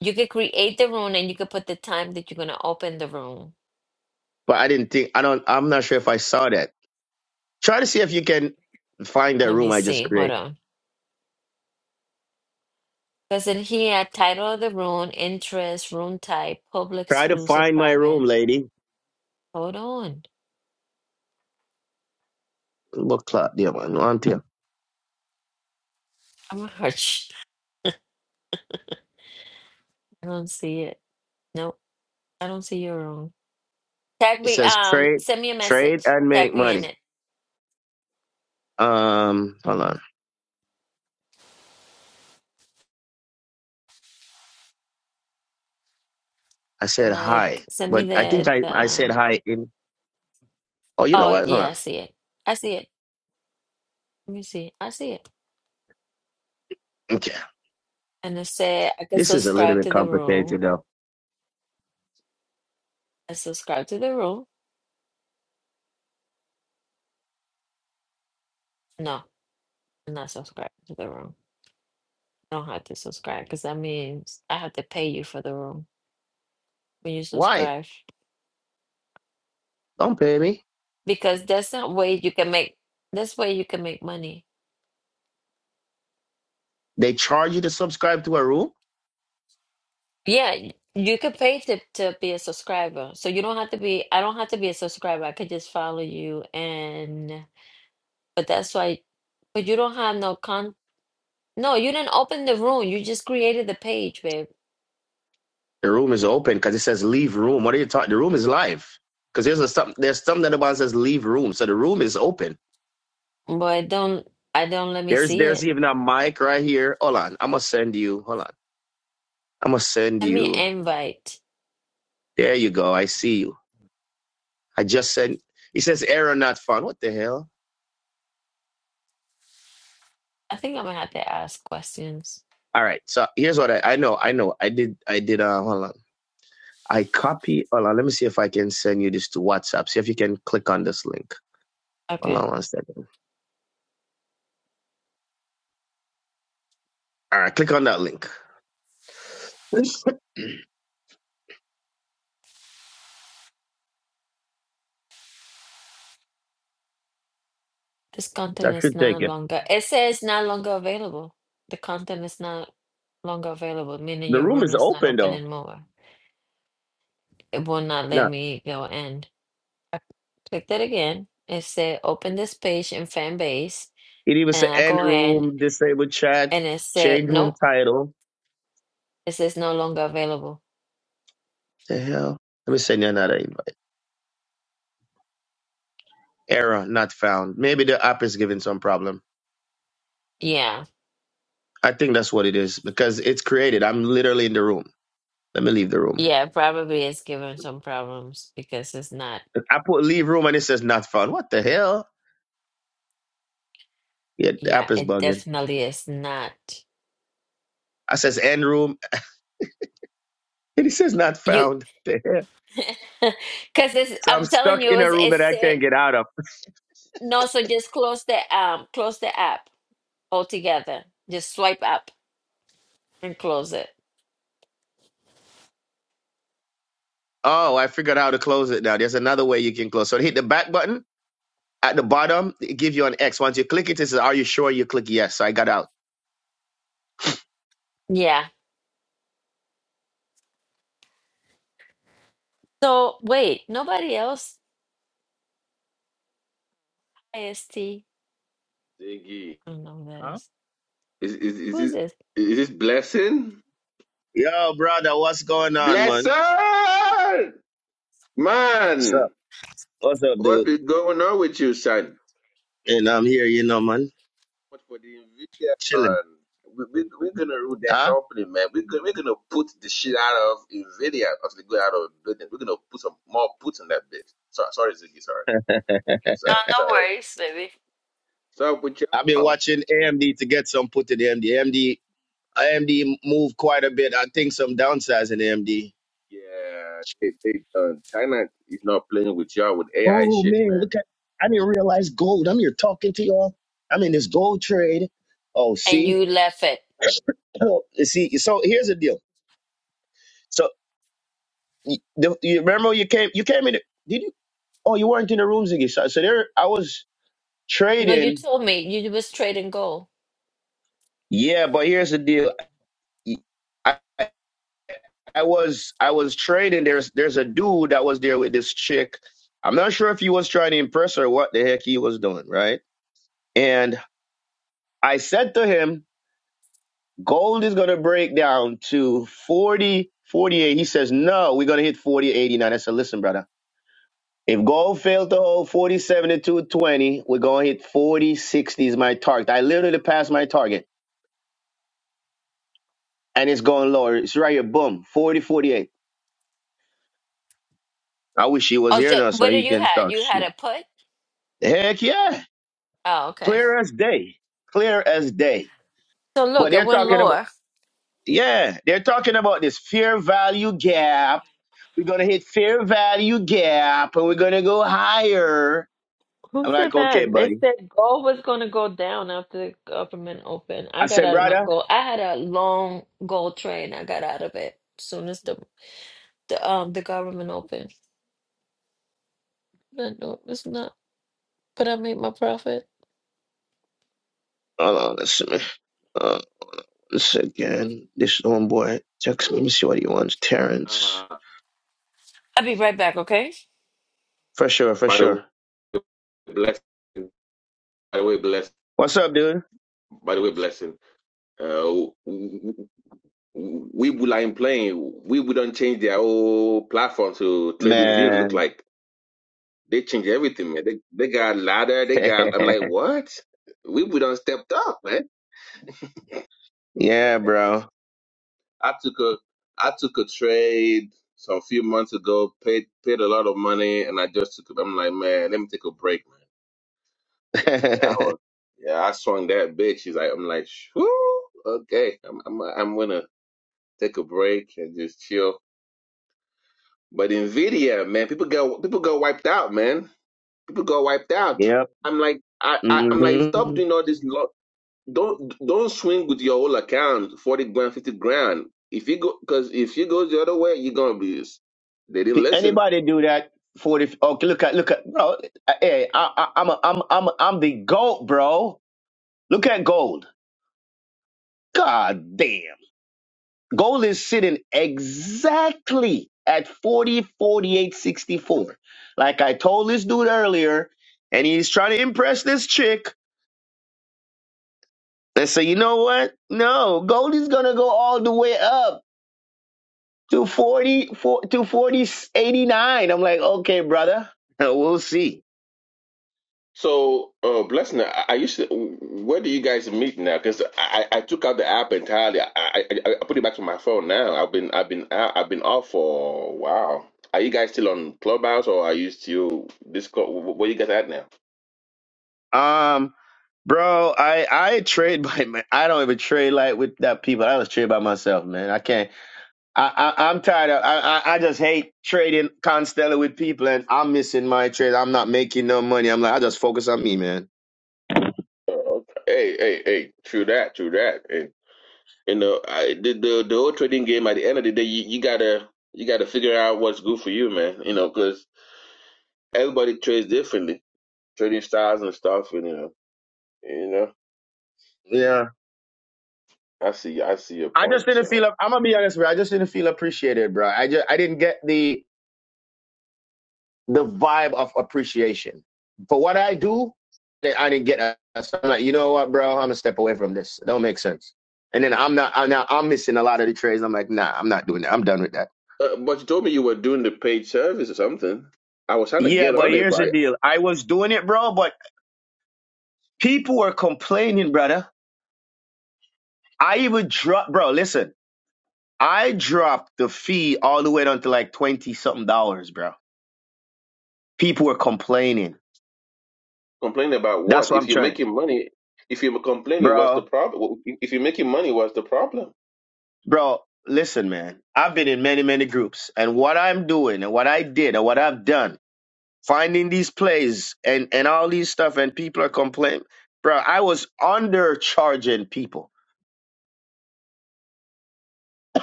You can create the room and you can put the time that you're gonna open the room.
But I didn't think. I don't. I'm not sure if I saw that. Try to see if you can find that
Let me
room I just
see. Hold
created.
on. Because in here, title of the room, interest, room type, public,
Try to
exclusive,
find my
private.
room, lady.
Hold on.
What clock? Yeah, man. On to you.
I'm gonna hurt you. I don't see it. Nope. I don't see your room. Tag
It
me,
says
um,
trade,
send me a
trade
message.
and
Tag
make
me in
money.
it.
Um, hold
Mm-mm.
on. I said hi,
Like, send me
but I think
the,
I I said
the,
hi in. Oh, you know
oh,
what? Hold
yeah, I
on.
see it. I see it. Let me see. I see it.
Okay.
And it said, I can
This is a little
subscribe
bit
to the
complicated
room.
though.
I subscribe to the room. No, I'm not subscribed to the room. I don't have to subscribe because that means I have to pay you for the room. when you
Why?
subscribe
Don't pay me.
because that's not way you can make that's way you can make money
They charge you to subscribe to a room.
yeah y- you can pay to, to be a subscriber so you don't have to be i don't have to be a subscriber i could just follow you and but that's why but you don't have no con no you didn't open the room you just created the page babe
The room is open because it says leave room. What are you talking? The room is live because there's a some there's something that about says leave room. So the room is open.
but don't i don't let me
There's
see
there's
it
even a mic right here. Hold on, I'm gonna send you. Hold on, I'm gonna send
let me
you.
invite
There you go. I see you. I just sent. It says error not found. What the hell?
i think i'm gonna have to ask questions
All right. So here's what I I know. I know. I did. I did. Uh, hold on. I copy. Hold on. Let me see if I can send you this to WhatsApp. See if you can click on this link. Hold
okay
on one second. All right. Click on that link.
This content
That
is
should
no
take it.
longer, it says not longer available. The content is not longer available, meaning
The
your
room
room
is
is not
open
open
though.
anymore. It will not let
No,
me go in. Click that again. It said open this page in fan base.
it even said
And I
end
go in
room, Disable chat,
and it said,
change room
nope,
title.
it says no longer available.
The hell? Let me send you another invite. Error not found. Maybe the app is giving some problem.
Yeah.
I think that's what it is because it's created. I'm literally in the room. Let me leave the room.
Yeah, probably it's giving some problems because it's not.
I put leave room and it says not found. What the hell? Yeah, the
Yeah,
app is
it
bugging.
definitely is not.
I says end room and it says not
You,
found. The hell?
because it's,
So I'm
I'm telling
stuck
you,
in
it
a
was,
room
it
that I
said.
can't get out of.
No, so just close the um close the app altogether. Just swipe up and close it.
Oh, I figured out how to close it now. There's another way you can close. So hit the back button At the bottom, it gives you an X. Once you click it, it says, Are you sure you click yes? So I got out.
Yeah. So wait, nobody else IST. I
Ziggy.
don't know who that
Huh?
is.
Is is is
Who is
this
this?
is this blessing?
Yo, brother, what's going on, man?
Blessing
What's
man,
up? What's up, dude?
what is going on with you, son?
And I'm here, you know, man.
But for the Nvidia,
Chilling.
man, we, we we're gonna rule that
Huh?
company, man. We're gonna we're gonna put the shit out of Nvidia as they go out of the building. We're gonna put some more puts in that bitch. Sorry, sorry, Ziggy, sorry, sorry,
Oh, no
sorry.
worries, baby.
So with
I've been
y'all,
watching AMD to get some put to the AMD. AMD AMD moved quite a bit. I think some downsides in AMD.
yeah, they, they done. China is not playing with y'all with AI
Oh
shit,
man,
man.
look at I didn't realize gold. I'm here talking to y'all. I'm in this gold trade. Oh,
And
see?
you left it.
Oh, see, so here's the deal. So you, the, you remember you came you came in. Did you Oh, you weren't in the rooms again. So, so there, I was
No, you
trading.
told me you was trading gold.
Yeah, but here's the deal. I, I was I was trading. There's there's a dude that was there with this chick. I'm not sure if he was trying to impress her or what the heck he was doing, right? And I said to him, gold is gonna break down to 40, 48. He says, no, we're gonna hit 40, 89. I said, listen, brother, if gold failed to hold 47 to 220, we're gonna hit 40 60 is my target. I literally passed my target. and it's going lower. It's right here, boom, 40 48. I wish he was
Oh,
here
so
now so
what do
he
you
can
had?
talk
You had
shit.
a put?
Heck yeah,
Oh, okay.
clear as day, clear as day.
So
But
look, it
they're
went
talking about,
lower.
yeah, they're talking about this fair value gap. We're going to hit fair value gap and we're going to go higher.
Who
I'm like,
said
okay,
that? They
buddy.
said gold was going to go down after the government opened. I
I
got
said,
out of my
brother,
gold. I had a long gold trade. I got out of it as soon as the, the um the government opened. But no, it's not. But I made my profit.
hold on, let's, see. uh, let's see again, this homeboy text me, let me see what he wants. Terrence.
Uh-huh.
I'll be right back, okay?
For sure, for
By the
sure.
way, blessing. By the way, blessing.
What's up, dude?
By the way, blessing. Uh, we would ain't playing. We wouldn't change their whole platform to Trading View. Look
Man.
like they change everything, man. They they got ladder. They got. I'm like, what? We wouldn't stepped up, man.
yeah, bro.
I took a I took a trade some few months ago, paid paid a lot of money, and I just took. I'm like, man, let me take a break. man. I was, yeah, I swung that bitch. He's like, I'm like, whoo, okay, I'm, I'm, I'm gonna take a break and just chill. But Nvidia, man, people go, people go wiped out, man. People go wiped out.
yep.
I'm like, I, I I'm like, stop
hmm
doing all this. Lo- don't, don't swing with your whole account, forty grand, fifty grand. If you go, because if you goes the other way, you're gonna be. They didn't listen.
Anybody do that? Forty. Okay, look at look at bro. Hey, I, I, I'm a, I'm I'm I'm the gold, bro. Look at gold. God damn. Gold is sitting exactly at 40, 48, 64. Like I told this dude earlier, and he's trying to impress this chick. Let's say, you know what? No, gold is gonna go all the way up. to 40 to 40 eighty-nine. i'm like okay brother we'll see
So, uh, Blessing, I, I used to. Where do you guys meet now? Because I, I I took out the app entirely. I, I I I put it back to my phone now. I've been I've been out, I've been off for a while. Are you guys still on Clubhouse or are you still Discord? Wh- wh- Where you guys at now?
um bro i i trade by my i don't even trade like with that people i was trade by myself man i can't i, I i'm tired of I, I i just hate trading constantly with people and i'm missing my trade i'm not making no money i'm like i just focus on me man
Uh, okay. Hey hey hey! True that. True that. Hey, you know, I, the the the whole trading game. At the end of the day, you, you gotta you gotta figure out what's good for you, man. You know, because everybody trades differently, trading styles and stuff. And you know, you know.
yeah
I see. I see your
I just
point,
didn't
sir.
feel. I'm gonna be honest, bro. I just didn't feel appreciated, bro. I just I didn't get the the vibe of appreciation for what I do. I didn't get. a- So I'm like, you know what, bro? I'm gonna step away from this. It don't make sense. And then I'm not. I'm now I'm missing a lot of the trades. I'm like, nah, I'm not doing that. I'm done with that.
Uh, but you told me you were doing the paid service or something. I was trying to
Yeah,
get
but
on it,
here's
but
the
I
deal. I was doing it, bro, but people were complaining, brother. I even dropped, bro. Listen, I dropped the fee all the way down to like twenty something dollars, bro. People were complaining.
complained about
That's
what?
what I'm
If you're
trying to,
making money, if you're complaining, what's the
bro.
problem? If you're making money, what's the problem?
Bro, listen, man. I've been in many, many groups, and what I'm doing and what I did and what I've done, finding these plays and, and all these stuff, and people are complaining. Bro, I was undercharging people.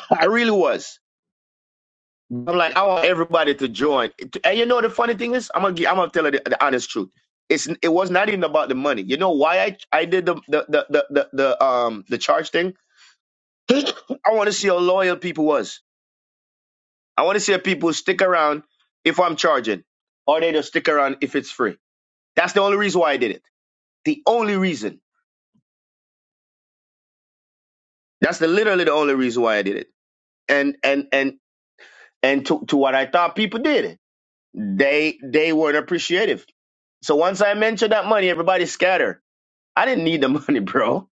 I really was. I'm like, I want everybody to join. And you know the funny thing is, I'm gonna gi- I'm gonna tell you the, the honest truth. It's it was not even about the money. You know why I I did the the the the, the, the um the charge thing? I want to see how loyal people was. I want to see if people stick around if I'm charging, or they just stick around if it's free. That's the only reason why I did it. The only reason. That's the literally the only reason why I did it. And and and and to, to what I thought people did, they they weren't appreciative. So once I mentioned that money, everybody scattered. I didn't need the money, bro.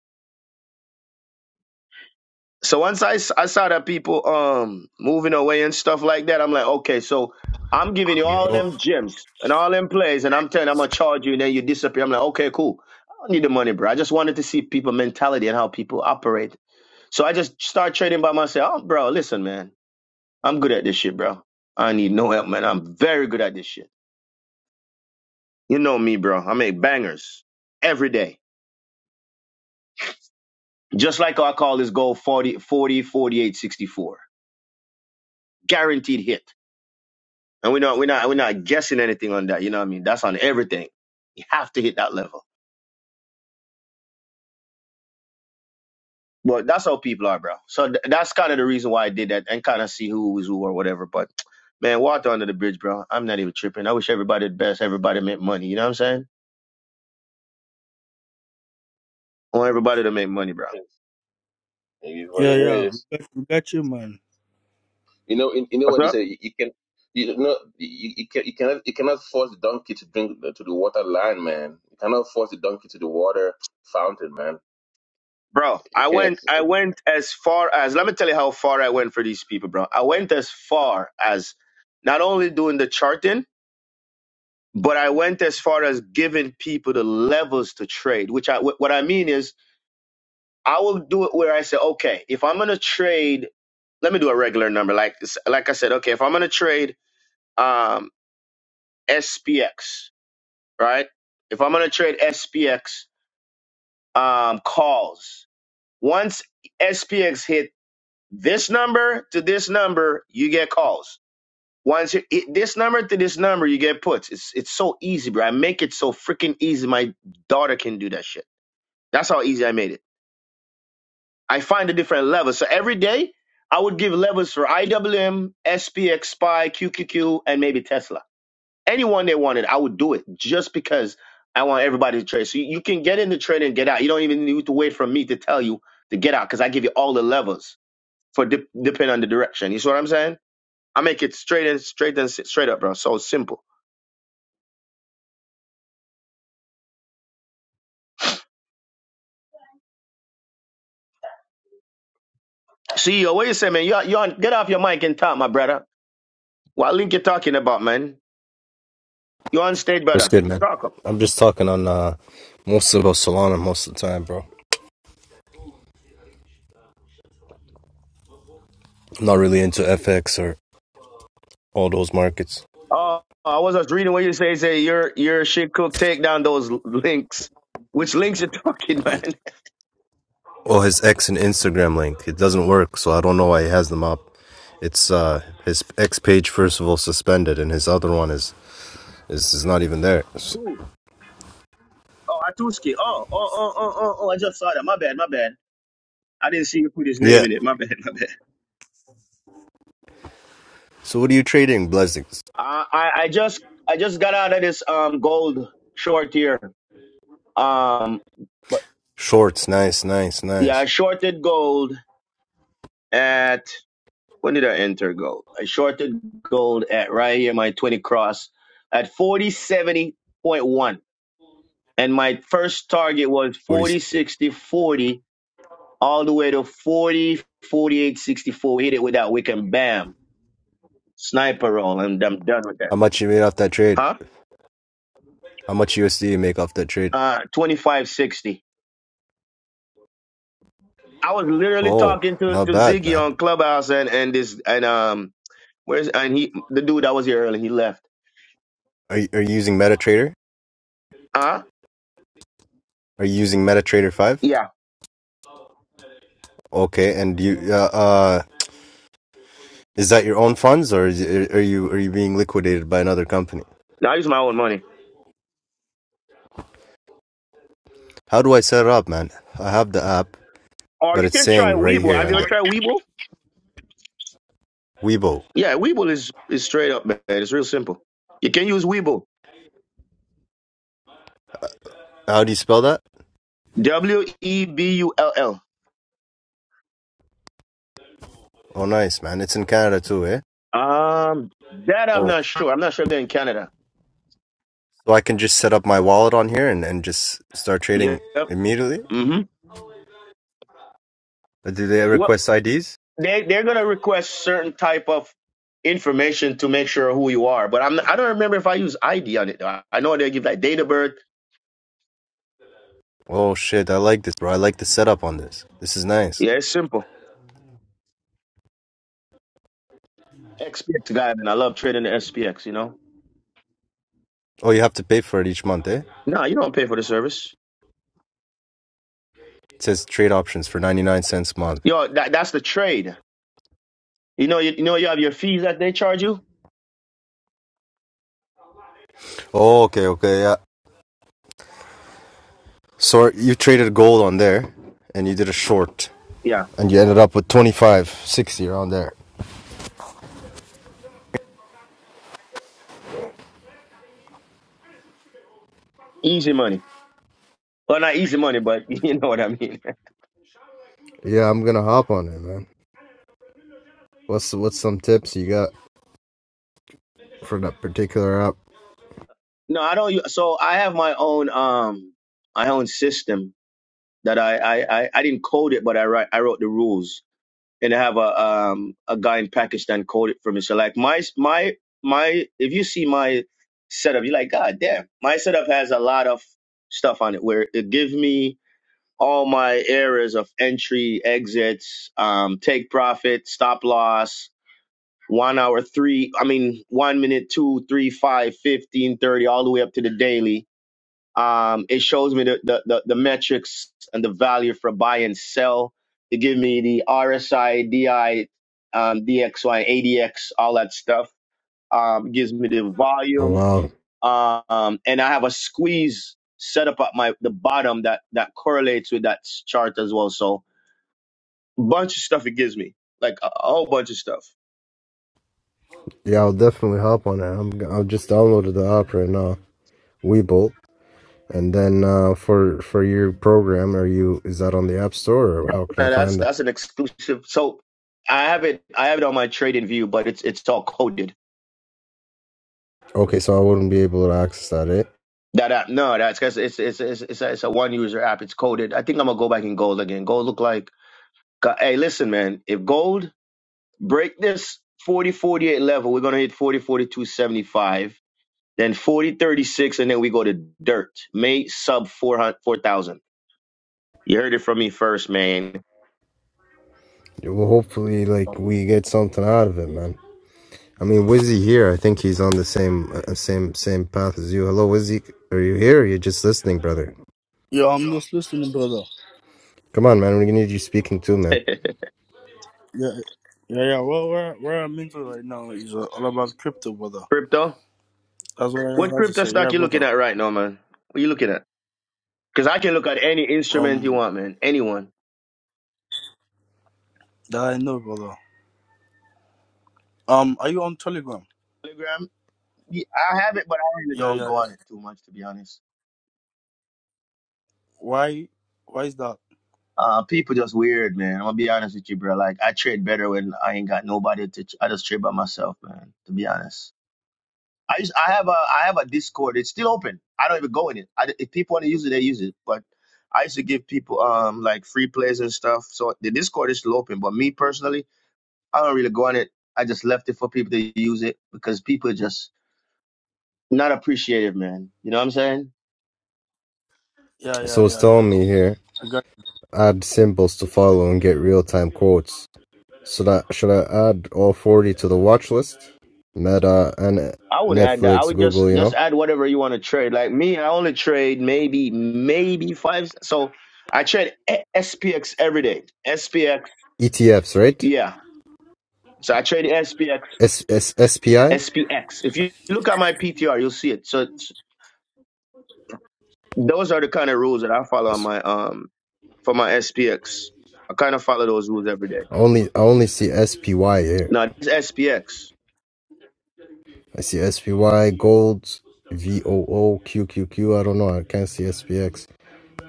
So once I, s- I saw that people um moving away and stuff like that, I'm like, okay, so I'm giving you all
Yo.
them gems and all them plays, and I'm telling you, I'm gonna charge you, and then you disappear. I'm like, okay, cool. I don't need the money, bro. I just wanted to see people mentality and how people operate. So I just start trading by myself. Oh, bro, listen, man, I'm good at this shit, bro. I need no help, man. I'm very good at this shit. You know me, bro. I make bangers every day. Just like how I call this goal 40 40 48 64 Guaranteed hit. And we're not we're not we're not guessing anything on that. You know what I mean? That's on everything. You have to hit that level. But that's how people are, bro. So th- that's kind of the reason why I did that and kind of see who was who or whatever. But man, water under the bridge, bro. I'm not even tripping. I wish everybody the best. Everybody make money. You know what I'm saying? I want everybody to
It is
make
what
money, bro.
it is. It is what
Yeah,
it
yeah, we
is.
got, we got you, man.
You know. You know
What's
what they
up?
say. You, you can. You know. You, you can. You cannot. You cannot force the donkey to drink the, to the water line, man. You cannot force the donkey to the water fountain, man.
Bro,
You
I went
can't.
I went as far as let me tell you how far I went for these people, bro. I went as far as not only doing the charting. but I went as far as giving people the levels to trade, which I wh- what I mean is I will do it where I say, okay, if I'm gonna trade, let me do a regular number, like like I said, okay, if I'm gonna trade um, SPX, right? If I'm gonna trade SPX um, calls, once SPX hit this number to this number, you get calls. Once it hit this number to this number, you get puts. It's it's so easy, bro. I make it so freaking easy. My daughter can do that shit. That's how easy I made it. I find the different levels. So every day I would give levels for IWM, SPX, SPY, QQQ, and maybe Tesla. Anyone they wanted, I would do it just because I want everybody to trade. So you you can get in the trade and get out. You don't even need to wait for me to tell you to get out because I give you all the levels for dip, depending on the direction. You see what I'm saying? I make it straight and straight and s- straight up, bro. So simple. CEO, what you say, man? You, you on, get off your mic and talk, my brother. What link you talking about, man? You on stage, brother? Talk up.
Uh,
Uh, I was just reading what you say. Say your your shit cook take down those links. Which links you talking, man?
oh, his ex and Instagram link. It doesn't work, so I don't know why he has them up. It's uh, Page Percival said and his other one is, is is not even there.
Ooh. Oh, Atuski. Oh, oh, oh, oh, oh, oh. I just saw that. My bad, my bad. I didn't see you put his
Yeah.
name in it. My bad, my bad.
So what are you trading, Blessings?
I, I, I just I just got out of this um gold short here. Um, but
Shorts. Nice, nice,
yeah, I
nice.
shorted gold at when did I enter gold? I shorted gold at right here my twenty cross at forty seventy point one. and my first target was
What do you?
40, 60, 40, all the way to 40, 48, 64. hit it with that wick and bam sniper roll and i'm done with that
How much you made off that trade?
huh
How much USD you make off that trade?
uh 25, 60. i was literally
Oh,
talking to,
not
to
bad,
ziggy
man.
on clubhouse and and this and um where's and he the dude that was here early. he left
Are you, are you using MetaTrader?
huh
Are you using MetaTrader five?
yeah
Okay, and you uh, uh is that your own funds or is, are you are you being liquidated by another company?
now i use my own money
How do I set it up, man? I have the app,
or
but
you
it's
can try
saying right
weeble
here
have you ever
the
tried weeble
Weibo.
yeah weeble is is straight up man it's real simple you can use weeble
How do you spell that?
w-e-b-u-l-l
Oh, nice, man. It's in Canada too, eh?
Um, that I'm not sure. I'm not sure if they're in Canada.
So I can just set up my wallet on here and, and just start trading
Yep.
immediately?
hmm
Uh, Do they
Well,
request IDs?
they they're gonna request certain type of information to make sure who you are, but I'm I don't remember if I use ID on it. though. I, I know they give like date of birth.
Oh, shit. I like this, bro. I like the setup on this. This is nice.
Yeah, it's simple. XPX guy, and I love trading the SPX. You know,
Oh, you have to pay for it each month, eh?
no, you don't pay for the service.
It says trade options for 99 cents a month.
Yo, that that's the trade. You know, you, you know, you have your fees that they charge you.
Oh, okay, okay, yeah. So you traded gold on there and you did a short
Yeah,
and you ended up with 25, 60 around there.
easy money. Well, not easy money, but you know what I mean.
Yeah, I'm gonna hop on it, man. What's what's some tips you got for that particular app?
No, I don't. u- So I have my own um my own system that I, I, I, I didn't code it, but I write, I wrote the rules. And I have a um a guy in Pakistan code it for me. So like my my my if you see my setup, you're like, God damn. My setup has a lot of stuff on it where it gives me all my areas of entry, exits, um, take profit, stop loss, one hour, three, I mean, one minute, two, three, five, fifteen, thirty, all the way up to the daily um, it shows me the, the, the, the metrics and the value for buy and sell. It give me the RSI, DI, um, DXY, ADX, all that stuff. Um, it gives me the
Oh
volume.
wow.
Um, and I have a squeeze set up at my the bottom that that correlates with that s- chart as well. So bunch of stuff it gives me, like a, a whole bunch of stuff.
Yeah, I'll definitely hop on it. I'm g- I've just downloaded the app right now, Webull. And then uh, for for your program, are you is that on the App Store or how can I
And that's
find that?
that's an exclusive. So I have it I have it on my trading view, but it's it's all coded
Okay, so I wouldn't be able to access that. It
That app, no, that's because it's it's it's it's a, it's a one user app. It's coded. I think I'm gonna go back in gold again. Gold look like. Go- Hey, listen, man. If gold break this 40 48 level, we're gonna hit 40 42 75, then 40 36, and then we go to dirt. May sub 400 4,000. You heard it from me first, man.
well, hopefully like we get something out of it, man. I mean, Wizzy here. I think he's on the same uh, same same path as you. Hello, Wizzy. Are you here? Or are you just listening, brother?
Yeah, I'm just listening, brother.
Come on, man. We need you speaking too, man.
Yeah, yeah, yeah. Well, where where I'm into right now is uh, all about crypto, brother.
crypto.
That's what
What
I have to
crypto
say.
stock
Yeah,
you looking
brother.
at right now, man? What you looking at? Because I can look at any instrument you
Um,
want, man. Anyone.
that I know, brother. Um, are you on Telegram?
Telegram. Yeah, I have it, but I really
Yeah,
don't
yeah,
go on
yeah.
it too much, to be honest.
Why? Why is that?
Uh, people just weird, man. I'm gonna be honest with you, bro. Like I trade better when I ain't got nobody to. Ch- I just trade by myself, man. To be honest, I just I have a I have a Discord. It's still open. I don't even go in it. I, if people want to use it, they use it. But I used to give people um like free plays and stuff. So the Discord is still open. But me personally, I don't really go on it. I just left it for people to use it because people are just not appreciative, man. You know what I'm saying?
Yeah, yeah,
So it's
yeah, yeah.
telling me here,
I got.
add symbols to follow and get real-time quotes. So that should I add all 40 to the watch list? Meta and
I would add that. I
Netflix,
would
Google,
just
you
just
know?
add whatever you want to trade. Like me, I only trade maybe maybe five. So I trade E- SPX every day. SPX,
ETFs, right?
yeah. So I trade SPX,
S S S P I.
SPX. If you look at my PTR, you'll see it. So it's, those are the kind of rules that I follow on my um for my SPX. I kind of follow those rules every day.
only, I only see SPY here.
Now it's SPX.
I see SPY, gold, V O O, Q Q Q. I don't know. I can't see SPX.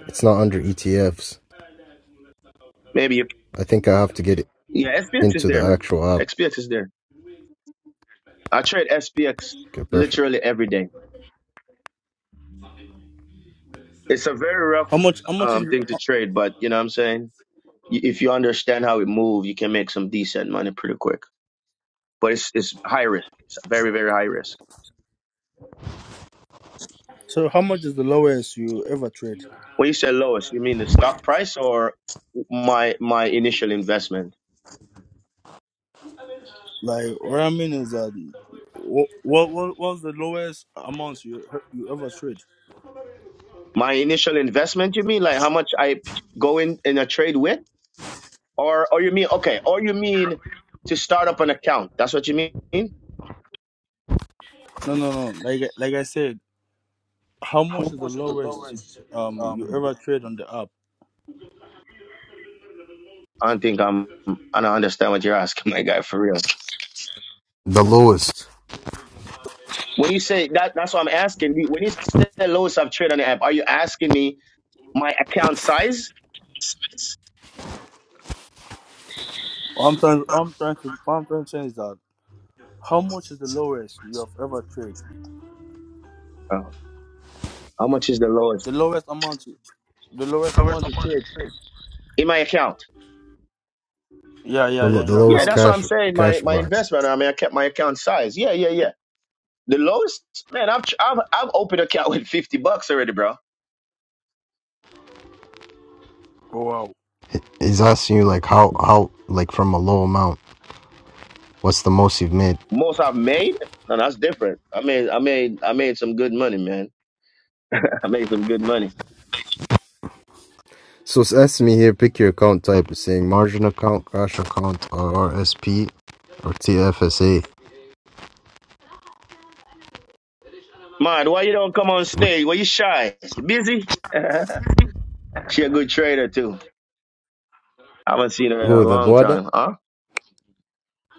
It's not under ETFs.
Maybe you-
I think I have to get
yeah, SPX is
into the
there, man.
actual app.
SPX is there. I trade SPX
Okay, perfect.
literally every day. it's a very rough
How much? How much is?
um, thing to trade, but you know what I'm saying? Y- If you understand how it moves, you can make some decent money pretty quick. But it's it's high risk. It's very very high risk.
So, how much is the lowest you ever trade?
When you say lowest, you mean the stock price or my my initial investment?
Like, what I mean is that what what what was the lowest amounts you you ever trade?
My initial investment, you mean like how much I go in in a trade with, or or you mean okay, or you mean to start up an account? That's what you mean?
No, no, no. Like I- like I said. how much is the lowest um you ever trade on the app?
I don't think I'm. I don't understand what you're asking, my guy. For real.
The lowest,
When you say that, that's what I'm asking. You- When you say the lowest I've traded on the app, are you asking me my account size?
I'm trying I'm trying to I'm trying to say is that. How much is the lowest you have ever traded?
Oh, how much is the lowest
The lowest amount you- the lowest amount you trade.
in my account?
Yeah,
the,
yeah,
lo-
yeah, in
the
your
Yeah,
lowest
account.
that's what I'm
cash,
saying. My
cash
my
bar.
investment. I mean, I kept my account size. Yeah, yeah, yeah. The lowest, man. I've tr- I've I've opened account with fifty bucks already, bro.
Oh wow.
He's asking you like how how like from a low amount. What's the most you've made?
Most I've made. No, that's different. I made I made I made some good money, man. I made some good money.
So it's asking me here, pick your account type. It's saying margin account, cash account, or RSP, or TFSA.
Man, why you don't come on stage? Why you shy? You busy? she a good trader too. I haven't seen her in a
Oh, the
long
Bada,
time, huh?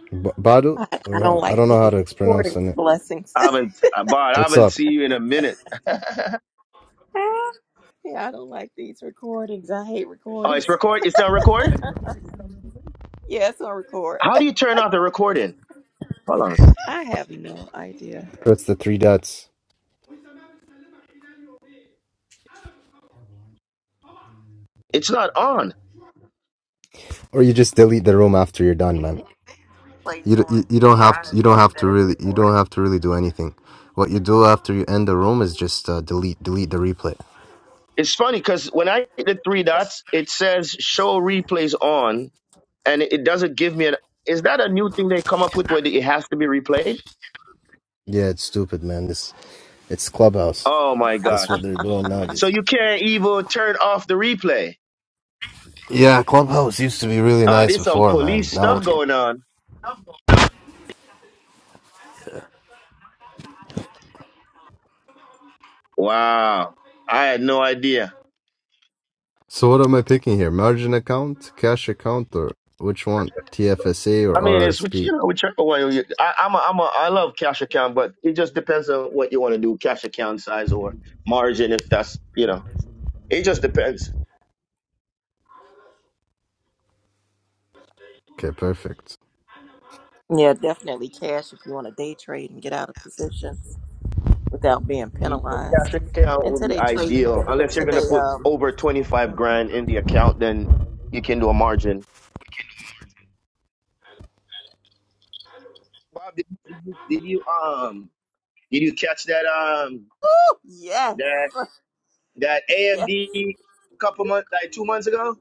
B- Badu,
I
or
don't
uh, I
like
don't know how
these
to pronounce
recordings.
it.
Blessings.
I haven't, uh, Bart, I
What's
haven't
up?
seen you in a minute. oh,
yeah, I don't like these recordings. I hate recordings.
it's record. It's not recording.
Yes, I record.
How do you turn off the recording? Hold on.
I have no idea.
Press the three dots,
It's not on.
or you just delete the room after you're done, man. You, d- you you don't have to, you don't have to really you don't have to really do anything. What you do after you end the room is just uh, delete delete the replay.
It's funny because when I hit the three dots, it says show replays on, and it it doesn't give me an. Is that a new thing they come up with where it has to be replayed?
Yeah, it's stupid, man. This it's Clubhouse.
Oh my
That's
gosh!
what they're doing
So
nowadays.
you can't even turn off the replay.
Yeah, Clubhouse used to be really
Uh,
nice
there's some
before, man.
police
Now
stuff
it's
going on. Wow, I had no idea.
So what am I picking here? Margin account, cash account, or which one? TFSA or
I mean, it's which
RRSP?
you know, whichever way. You, I, I'm a, I'm a, I love cash account, but it just depends on what you want to do, cash account size or margin. If that's you know, it just depends.
Okay, perfect.
Yeah, definitely cash if you want to day trade and get out of positions without being
Cash
penalized.
account
Until
would be
they trade,
ideal unless you're
until
gonna
they
put
um.
over twenty five
mhm.
grand in the account, then you can do a margin. Bob, did, did, you, did you um did you catch that um
Yes,
that that
yes.
AMD a couple months like two months ago?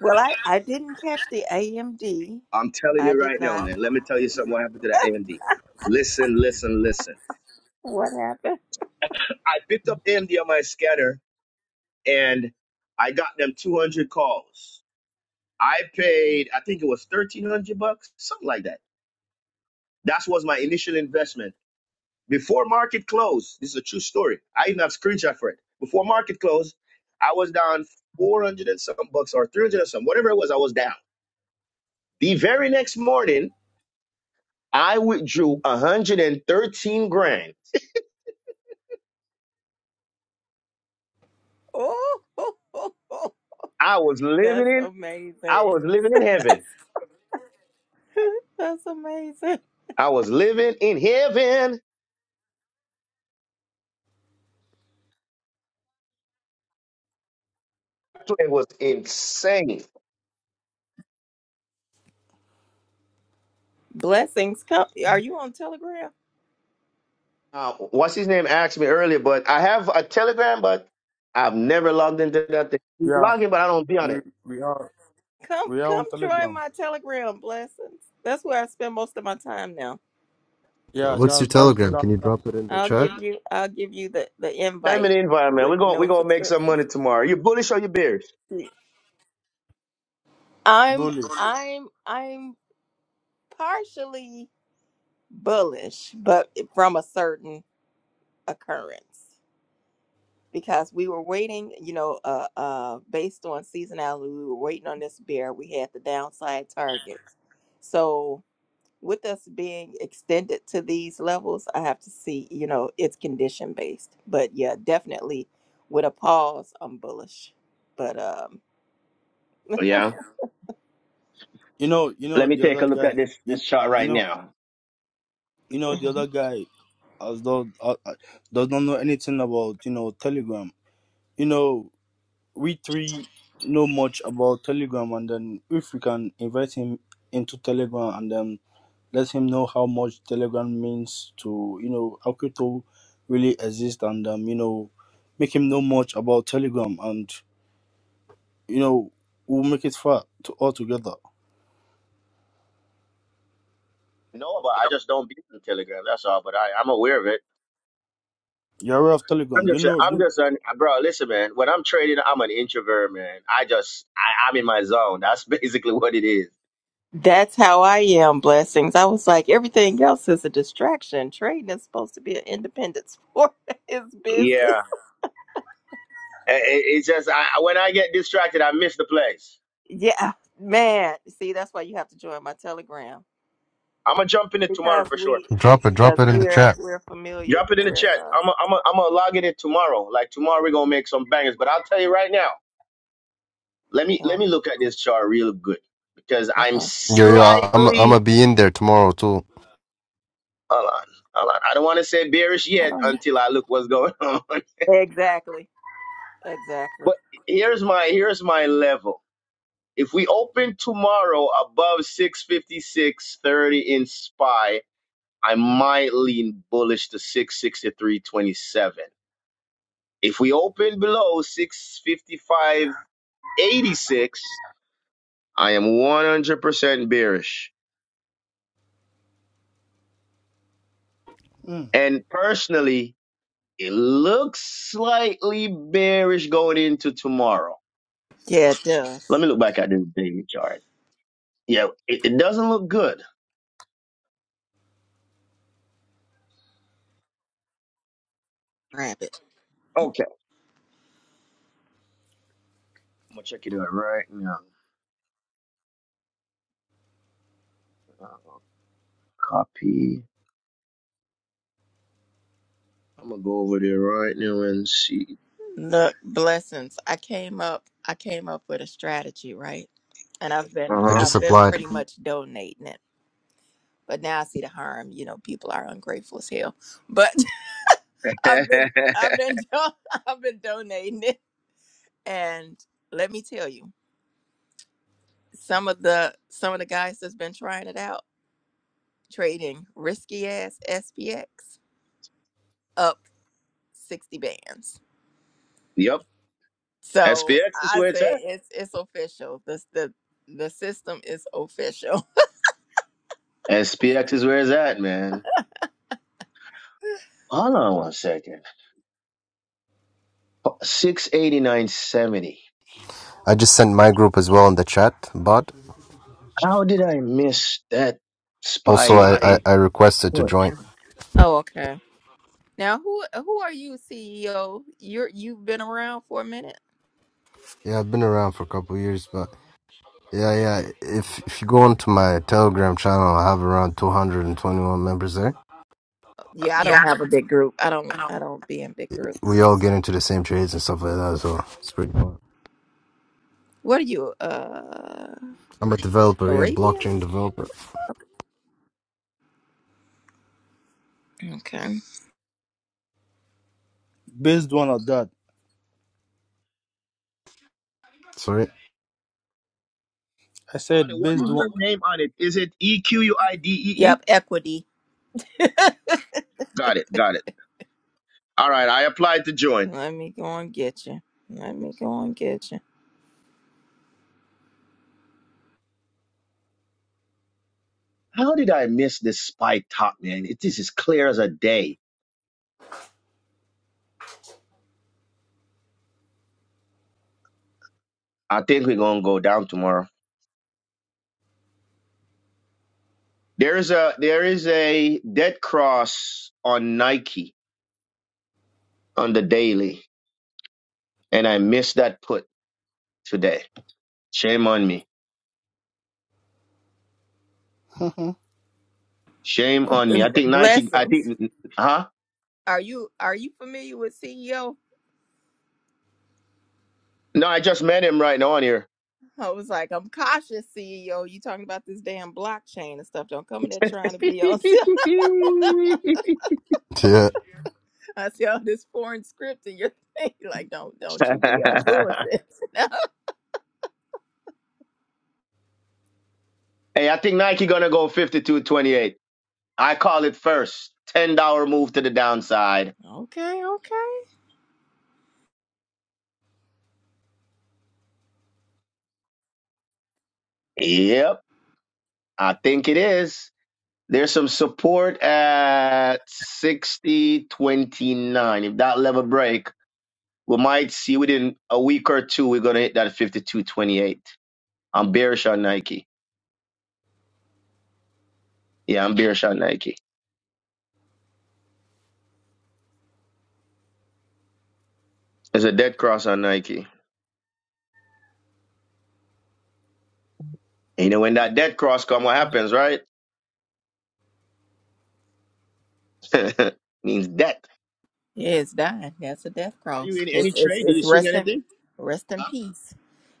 Well, I I didn't catch the AMD.
I'm telling
I
you
did
right now,
not.
man. Let me tell you something. What happened to that AMD? Listen, listen, listen.
What happened?
I picked up AMD on my scanner and I got them 200 calls. I paid, I think it was 1300 bucks, something like that. That was my initial investment. Before market close, this is a true story. I even have screenshot for it. Before market close, I was down 400 and some bucks or 300 and some, whatever it was, I was down. The very next morning, I withdrew 113 grand.
Oh,
I was living
that's
in, I
amazing.
was living in heaven.
That's amazing.
I was living in heaven. It was insane.
Blessings. Come are you on Telegram?
Uh, what's his name asked me earlier, but I have a Telegram, but I've never logged into that thing.
Yeah,
Log in, but I don't be on
we
it.
we are
Come
we are
come
on
join
Telegram.
my Telegram blessings. That's where I spend most of my time now.
Yeah,
What's your
that that
Telegram?
that
Can you drop it in the
I'll
chat?
give you I'll give you the, the
Send me
invite
the invite, man.
with
We're going we are
no
gonna make some
subscription.
money tomorrow. You bullish or you bearish?
I'm
bullies.
I'm I'm partially bullish, but from a certain occurrence. Because we were waiting, you know, uh uh based on seasonality, we were waiting on this bear. We had the downside targets. So with us being extended to these levels, I have to see, you know, it's condition based. But yeah, definitely with a pause, I'm bullish. But um
Yeah.
You know, you
Let
know
me
the
take a
other
look
guy.
at this
You,
this chart
you
right
know,
now.
you know the
hmm
other guy, as though uh, uh, does not know anything about you know Telegram. You know we three know much about Telegram, and then if we can invite him into Telegram and then let him know how much Telegram means to you know how crypto really exists, and um, you know make him know much about Telegram, and you know we'll make it far to all together.
No, but I just don't be on Telegram. That's all. But I, I'm aware of it.
You're aware of
I'm
Telegram, do you
just,
know?
I'm
Do,
just an, bro. Listen, man. When I'm trading, I'm an introvert, man. I just, I, I'm in my zone. That's basically what it is.
that's how I am, blessings. I was like, everything else is a distraction. Trading is supposed to be an independent sport. it's
Yeah.
business.
I- It's just I, when I get distracted, I miss the plays.
Yeah, man. See, that's why you have to join my telegram.
I'm gonna jump in it tomorrow
Because
for sure.
we
drop it, drop
because
it in the
we're
chat.
we're familiar.
Drop it in the
We're
chat.
uh
I'm gonna I'm going I'm gonna log in it tomorrow. Like tomorrow we're gonna make some bangers. But I'll tell you right now. Let me let
yeah,
me look at this chart real good because I'm
okay.
Yo, yo, I'm I'm gonna
slightly
be in there tomorrow too.
hold on hold on. I don't want to say bearish
I
yet
don't know.
until I look what's going on.
Exactly. Exactly.
But here's my here's my level. If we open tomorrow above 656.30 in SPY, I might lean bullish to six sixty three twenty seven. If we open below six fifty five eighty six, I am 100% bearish.
mm,
And personally, it looks slightly bearish going into tomorrow.
Yeah, it does.
Let me look back at this daily chart. Yeah, it, it doesn't look good.
Rabbit.
Okay. I'm going to check it out right now. Uh, copy. I'm going to go over there right now and see.
Look, blessings. I came up I came up with a strategy, right? And I've been
I
Uh
just
I've been
applied.
pretty much donating it. But now I see the harm, you know, people are ungrateful as hell. But I've been
huh.
I've been do- I've been donating it. And let me tell you, some of the some of the guys that's been trying it out, trading risky ass SPX up 60 bands.
yep.
So
SPX is
I
where it's
said
at.
it's it's official. The the the system is official.
SPX is where it's at, man. Hold on one second. 689.70.
I just sent my group as well in the chat, but
How did I miss that
also
spy
I I, I requested to
hood?
join.
Oh, okay. Now who who are you, CEO? You're you've been around for a minute.
Yeah, I've been around for a couple years, but Yeah, yeah. If if you go onto my Telegram channel, I have around 221 members there.
Yeah, I
Yeah.
don't have a big group. I don't I don't be in big groups.
We all get into the same trades and stuff like that, so it's pretty fun.
What are you? Uh
I'm a developer, yeah,
Arabian?
blockchain developer.
Okay.
based one of that,
Sorry.
I
Bonnie,
said
what
based
is your
one.
name on it? Is it E Q U I D E E?
Yep, equity.
Got it, got it. All right, I applied to join.
Let me go and get you. Let me go and get you.
How did I miss this spy top, man? It, this is clear as a day. I think we're gonna go down tomorrow. There is a there is a dead cross on Nike on the daily, and I missed that put today. Shame on me. Shame on me. I think Nike. I
Blessings.
think. Huh?
Are you are you familiar with CEO?
No, I just met him right now on here.
I was like, I'm cautious, CEO. You talking about this damn blockchain and stuff. Don't come in there
hey,
trying to be on.
Yeah.
I see all this foreign script in your thing. Like, don't don't you be on bullshit.
I think Nike gonna go fifty-two twenty-eight. I call it first. Ten dollar move to the downside.
No. okay, okay.
Yep, I think it is. There's some support at sixty twenty-nine. If that level break, we might see within a week or two we're gonna hit that fifty-two twenty-eight. I'm bearish on Nike. Yeah, I'm beer shot Nike. There's a dead cross on Nike. And you know when that dead cross come, what happens, right? Means death.
Yeah, it's dying. That's a death cross.
Any
It's it's
trade? Do
it's
you swing
rest in
anything?
rest in
Huh?
peace.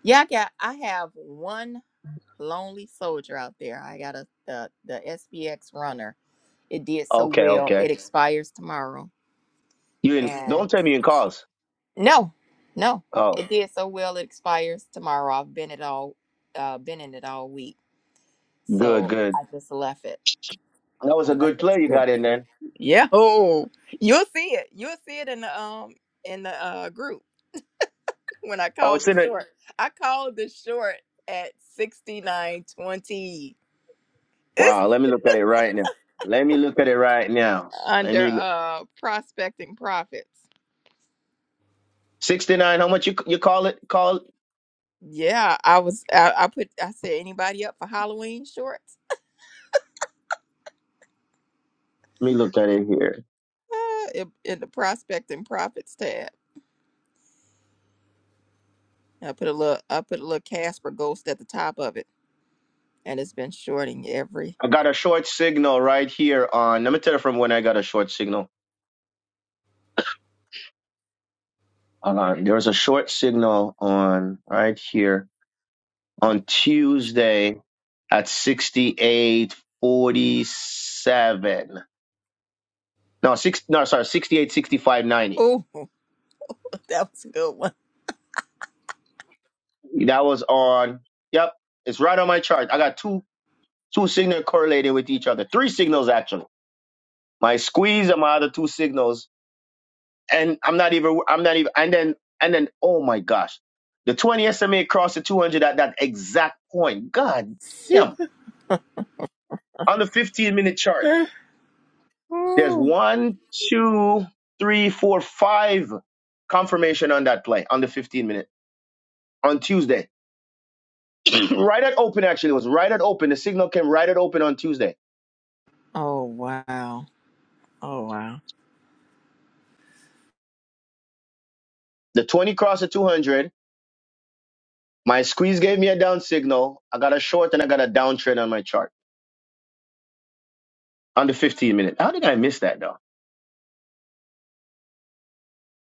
Yeah, I got I have one lonely soldier out there. I got a the the SBX runner. It did so
Okay,
well.
okay.
It expires tomorrow.
You in?
and.
Don't tell me you in calls.
No, no.
Oh,
It did so well it expires tomorrow. I've been it all uh been in it all week.
good,
So
good.
I just left it.
That was
I
a good
left it
play you
today.
got in then.
Yeah. Oh. You'll see it. You'll see it in the um in the uh group when I
Oh,
called
it's
the
in it.
short. I called the short at sixty nine twenty. It's
Wow. Let me look at it right now. Let me look at it right now. Let
under
me
uh prospecting profits.
sixty nine. How much you you call it? Call.
Yeah, I was I, I put I said anybody up for Halloween shorts?
Let me look at it here.
Uh, in, in the prospecting profits tab. I put a little I put a little Casper ghost at the top of it, and it's been shorting every.
I got a short signal right here on. Let me tell you from when I got a short signal. Uh, there was a short signal on right here on Tuesday at 6847. No, six, no, sorry, sixty eight sixty five ninety.
Oh, that was a good one.
That was on, yep, it's right on my chart. I got two, two signals correlated with each other. Three signals, actually. My squeeze and my other two signals. And I'm not even, I'm not even, and then, and then, oh my gosh. The 20 SMA crossed the 200 at that exact point. God damn. On the 15 minute chart. There's
Ooh.
one, two, three, four, five confirmation on that play on the 15 minute on Tuesday. right at open, actually, it was right at open. The signal came right at open on Tuesday.
Oh wow! Oh wow!
The 20 cross the 200. My squeeze gave me a down signal. I got a short and I got a downtrend on my chart on the 15 minute. How did I miss that though?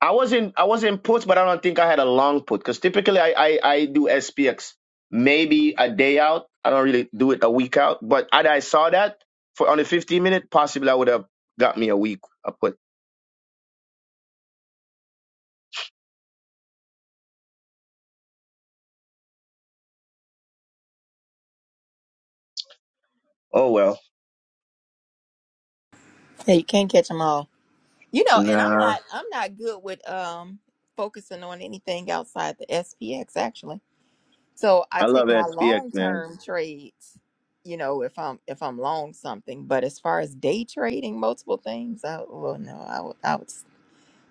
I wasn't I was not put, but I don't think I had a long put because typically I, I I do SPX maybe a day out. I don't really do it a week out. But had I saw that for on the 15 minute, possibly I would have got me a week a put. Oh well.
Yeah, you can't catch them all. You know, and I'm
Nah,
not I'm not good with um focusing on anything outside the SPX actually. So I
I love
take my
SPX
long
man.
term trades. You know, if I'm if I'm long something, but as far as day trading multiple things, I well no, I would I would s-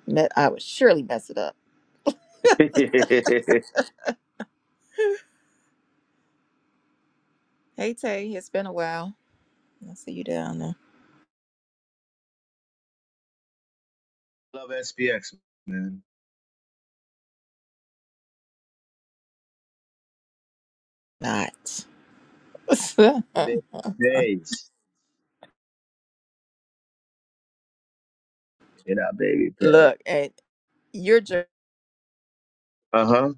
me- I would surely mess it up. Hey Tay, it's been a while. I see you down there.
love SPX man.
Not.
Baby praise, you know, baby praise.
Look, and you're just
Uh huh.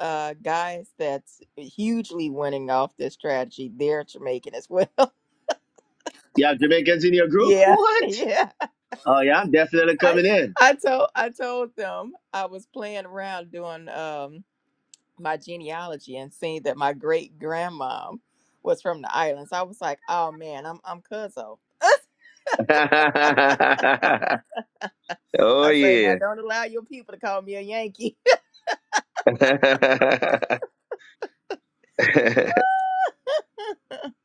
uh guys that's hugely winning off this strategy. They're Jamaican as well.
Yeah, Jamaicans in your group?
yeah,
What?
yeah.
Oh yeah, I'm definitely
I
coming in.
I told I told them I was playing around doing um my genealogy and seeing that my great grandmom was from the islands. I was like, oh man, I'm I'm cuzzo.
oh
I say now
yeah.
don't allow your people to call me a Yankee.
Am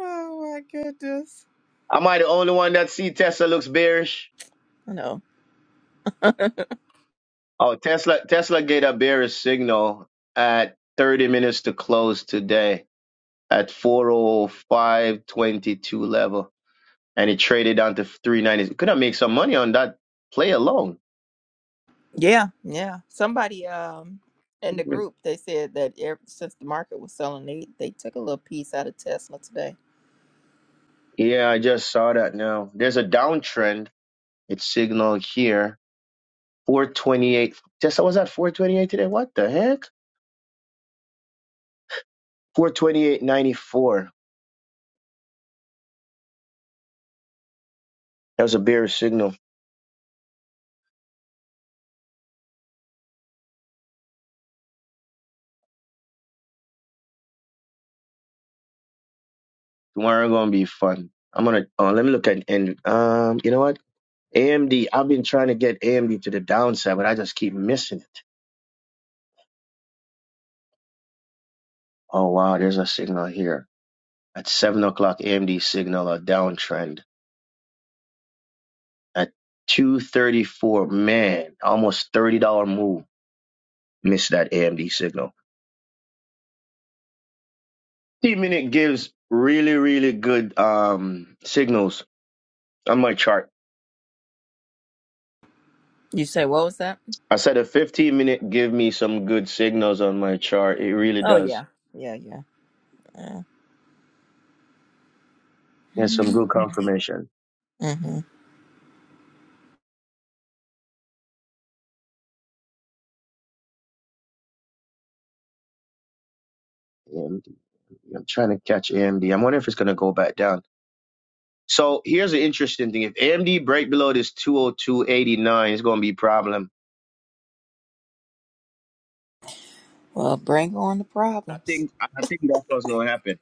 oh my goodness.
I the only one that see Tesla looks bearish?
I know.
Oh, Tesla Tesla gave a bearish signal at 30 minutes to close today at 405.22 level, and it traded down to 390. Could I make some money on that play alone?
Yeah, yeah. Somebody um in the group they said that ever since the market was selling, they they took a little piece out of Tesla today.
Yeah, I just saw that now. There's a downtrend. It's signaled here. 428. Tesla was at 428 today. What the heck? 428.94. That was a bearish signal. Tomorrow gonna be fun. I'm gonna uh, let me look at and um you know what AMD. I've been trying to get AMD to the downside, but I just keep missing it. Oh wow, there's a signal here at seven o'clock. AMD signal a downtrend at two thirty four. Man, almost thirty dollar move. Missed that AMD signal. T minute gives really really good um signals on my chart.
You say what was that?
I said a 15 minute give me some good signals on my chart. It really
Oh
does.
yeah, yeah, yeah. yeah.
And some good confirmation.
Mm-hmm.
AMD. I'm trying to catch AMD. I'm wondering if it's going to go back down. So here's an interesting thing. If AMD break below this 202.89, it's going to be a problem.
Well, bring on the
I
problems.
think I think that's what's going to happen.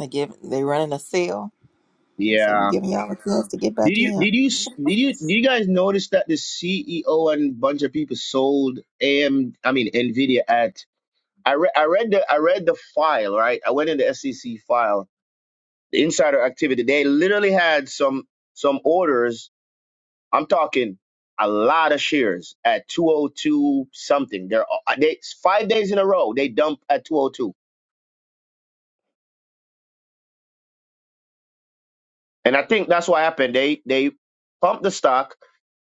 They give they running a sale. I said we're
Yeah.
giving y'all a chance to get
Did
back
you
in.
did you did you did you guys notice that the CEO and bunch of people sold AM I mean Nvidia at I read I read the I read the file right I went in the SEC file the insider activity they literally had some some orders I'm talking a lot of shares at 202 something. They're uh, they five days in a row they dump at 202, and I think that's what happened. They they pump the stock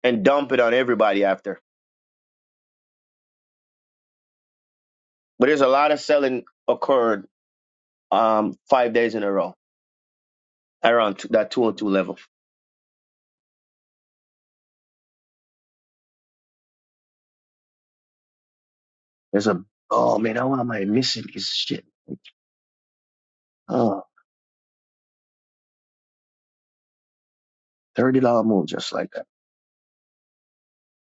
and dump it on everybody after. But there's a lot of selling occurred um five days in a row around t- that 202 level. There's a oh man, how am I missing this shit? Oh, thirty dollar move just like that.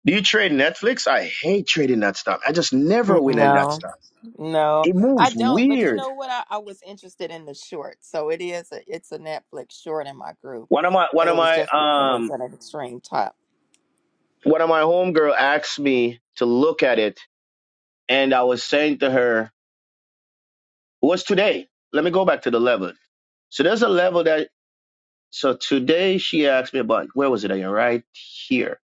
Do you trade Netflix? I hate trading that stock. I just never win in that
No,
stock.
no,
It
I
moves
don't. But
weird.
you know what? I, I was interested in the short, so it is a, it's a Netflix short in my group,
one of my one
but it
of
was
my
just when it was
um
at an extreme
one of my homegirl asked me to look at it and i was saying to her it "Was today let me go back to the level so there's a level that so today she asked me about where was it again right here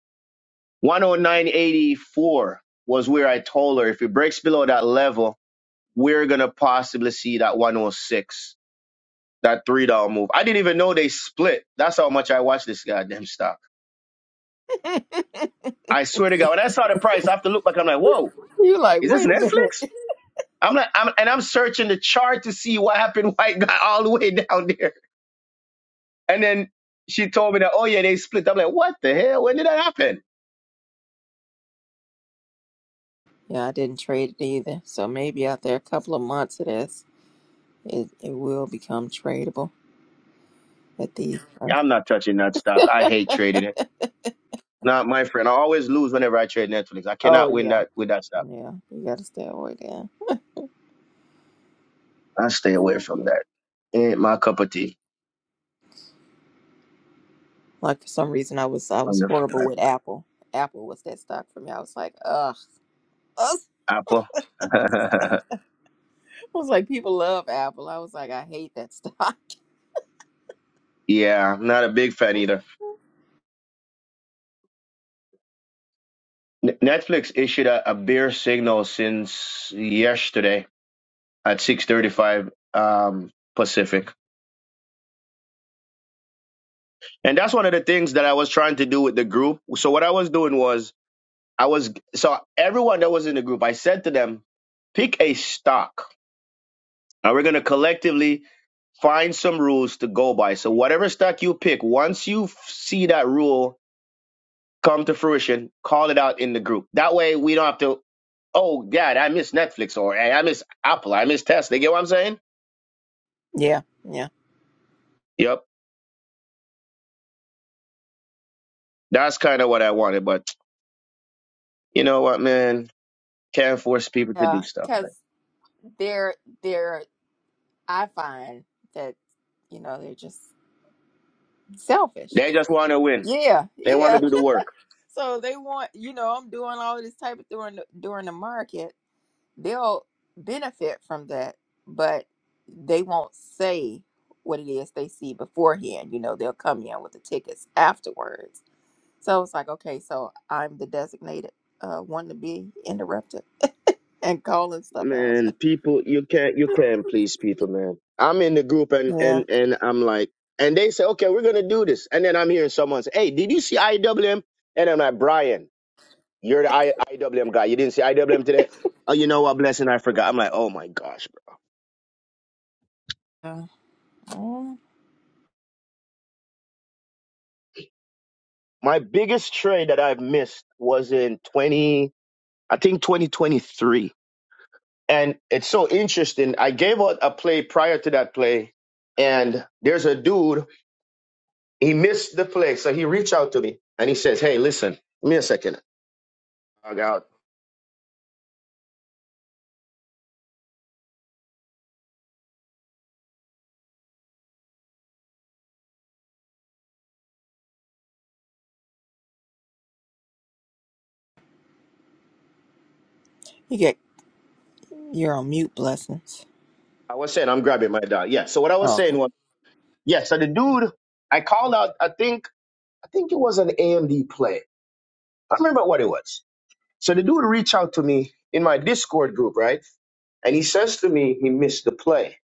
109.84 was where i told her if it breaks below that level we're gonna possibly see that 106 that three dollar move i didn't even know they split that's how much i watched this goddamn stock i swear to god when i saw the price i have to look back i'm like whoa
You're like,
is this
wait a
netflix
minute.
I'm not, I'm, and I'm searching the chart to see what happened. White guy all the way down there. And then she told me that, oh yeah, they split. I'm like, what the hell? When did that happen?
Yeah, I didn't trade it either. So maybe after a couple of months of this, it, it will become tradable at these.
Yeah, I'm not touching that stock. I hate trading it. Not my friend. I always lose whenever I trade Netflix. I
Oh
cannot win
yeah,
that with that stock.
yeah. You got to stay away there.
I stay away from that. Ain't my cup of tea.
Like for some reason, I was I
On
was
the
horrible with
Friday.
Apple. Apple was that stock for me. I was like, ugh, ugh.
Apple.
I was like, people love Apple. I was like, I hate that stock.
yeah, I'm not a big fan either. N- Netflix issued a, a bear signal since yesterday at 6:35 um, Pacific. And that's one of the things that I was trying to do with the group. So what I was doing was I was so everyone that was in the group, I said to them, pick a stock. And we're gonna collectively find some rules to go by. So whatever stock you pick, once you f- see that rule come to fruition, call it out in the group. That way we don't have to, oh God, I miss Netflix or hey, I miss Apple, I miss Tesla. You get what I'm saying?
Yeah, yeah,
Yep. That's kind of what I wanted. But you know what, man? Can't force people to do
yeah.
stuff,
Because
man.
they're they're I find that you know they're just selfish.
They just wanna win.
Yeah,
They want
yeah.
to do the work.
So they want, you know, I'm doing all this type of during the, during the market. They'll benefit from that, but they won't say what it is they see beforehand. You know, they'll come in with the tickets afterwards. So it's like, okay, so I'm the designated uh, one to be interrupted and calling stuff out.
Man, people, you can't, you can't please people, man. I'm in the group and,
Yeah.
and, and I'm like, and they say, okay, we're going to do this. And then I'm hearing someone say, hey, did you see IWM? And I'm like, Brian, you're the I, IWM guy. You didn't see IWM today? Oh, you know what? Blessing, I forgot. I'm like, oh my gosh, bro.
Uh, mm,
My biggest trade that I've missed was in 20, I think 2023. And it's so interesting. I gave out a play prior to that play, and there's a dude He missed the play, so he reached out to me and he says, "Hey, listen, give me a second. I got.
you get you're on mute blessings.
I was saying I'm grabbing my dog. Yeah. So what I was
Oh, Okay.
saying was, yeah. So the dude, I called out. I think, I think it was an AMD play. I don't remember what it was. So the dude reached out to me in my Discord group, right? And he says to me, he missed the play.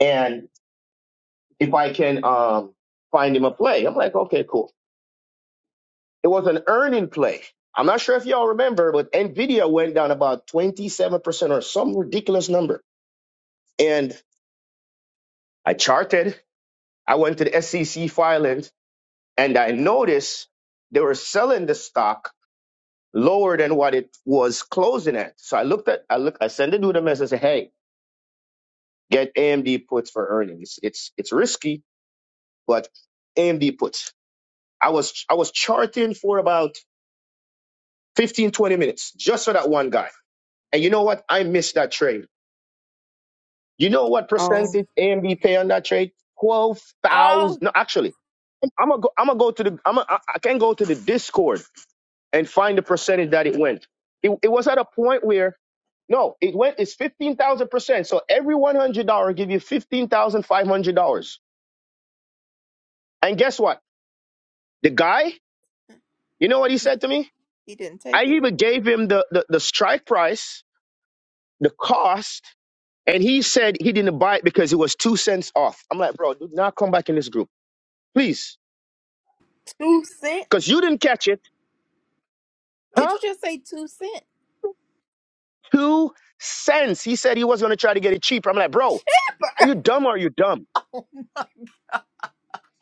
And if I can um, find him a play, I'm like, okay, cool. It was an earning play. I'm not sure if y'all remember, but NVIDIA went down about 27% or some ridiculous number. and I charted. I went to the SEC filings and I noticed they were selling the stock lower than what it was closing at. So I looked at, I look, I sent the dude a message, I said, hey, get AMD puts for earnings. It's it's risky, but AMD puts. I was I was charting for about 15 20 minutes just for that one guy. And you know what? I missed that trade. You know what
oh,
percentage AMD pay on that trade? Twelve thousand.
oh!
No, actually, I'm gonna go. I'm gonna go to the. I'm. Gonna, I I can go to the Discord and find the percentage that it went. It, it was at a point where no, it went. It's fifteen thousand percent. So every one hundred dollar give you fifteen thousand five hundred dollars. And guess what? The guy, you know what he said to me?
He didn't take
I
it.
even gave him the the, the strike price, the cost, and he said he didn't buy it because it was two cents off. I'm like, bro, do not come back in this group, please
Two cent?
because you didn't catch it,
Did
huh?
you just say two cent?
Two cents. He said he was going to try to get it cheaper. I'm like, bro, are you dumb or are you dumb?
Oh my.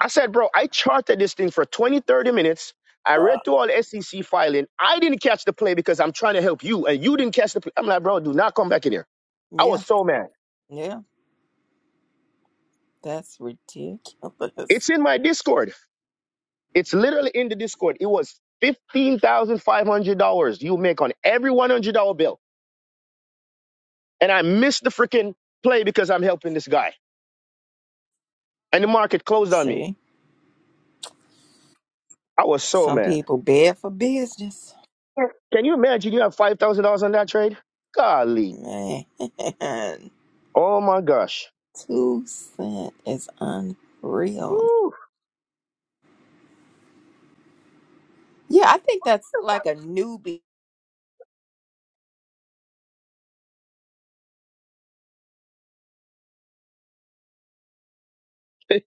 I said, bro, I charted this thing for 20, 30 minutes. I read through all the SEC filing. I didn't catch the play because I'm trying to help you, and you didn't catch the play. I'm like, bro, do not come back in here. I
Yeah,
was so mad.
yeah, that's ridiculous.
It's in my Discord. It's literally in the Discord. It was $15,500 you make on every $100 bill. And I missed the freaking play because I'm helping this guy. And the market closed on me.
See,
I was so
some
mad.
people beg for business.
Can you imagine you have five thousand dollars on that trade? Golly.
Man,
Oh my gosh.
two cent is unreal.
Woo.
Yeah, I think that's like a newbie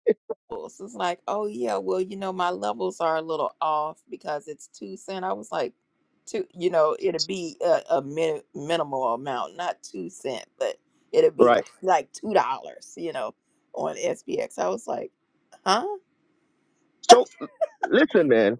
levels. It's like, oh yeah, well, you know, my levels are a little off because it's two cent. I was like, two, you know, it'd be a, a min- minimal amount, not two cent, but it'd be
right.
like, like two dollars, you know, on SBX. I was like, huh?
So listen, man.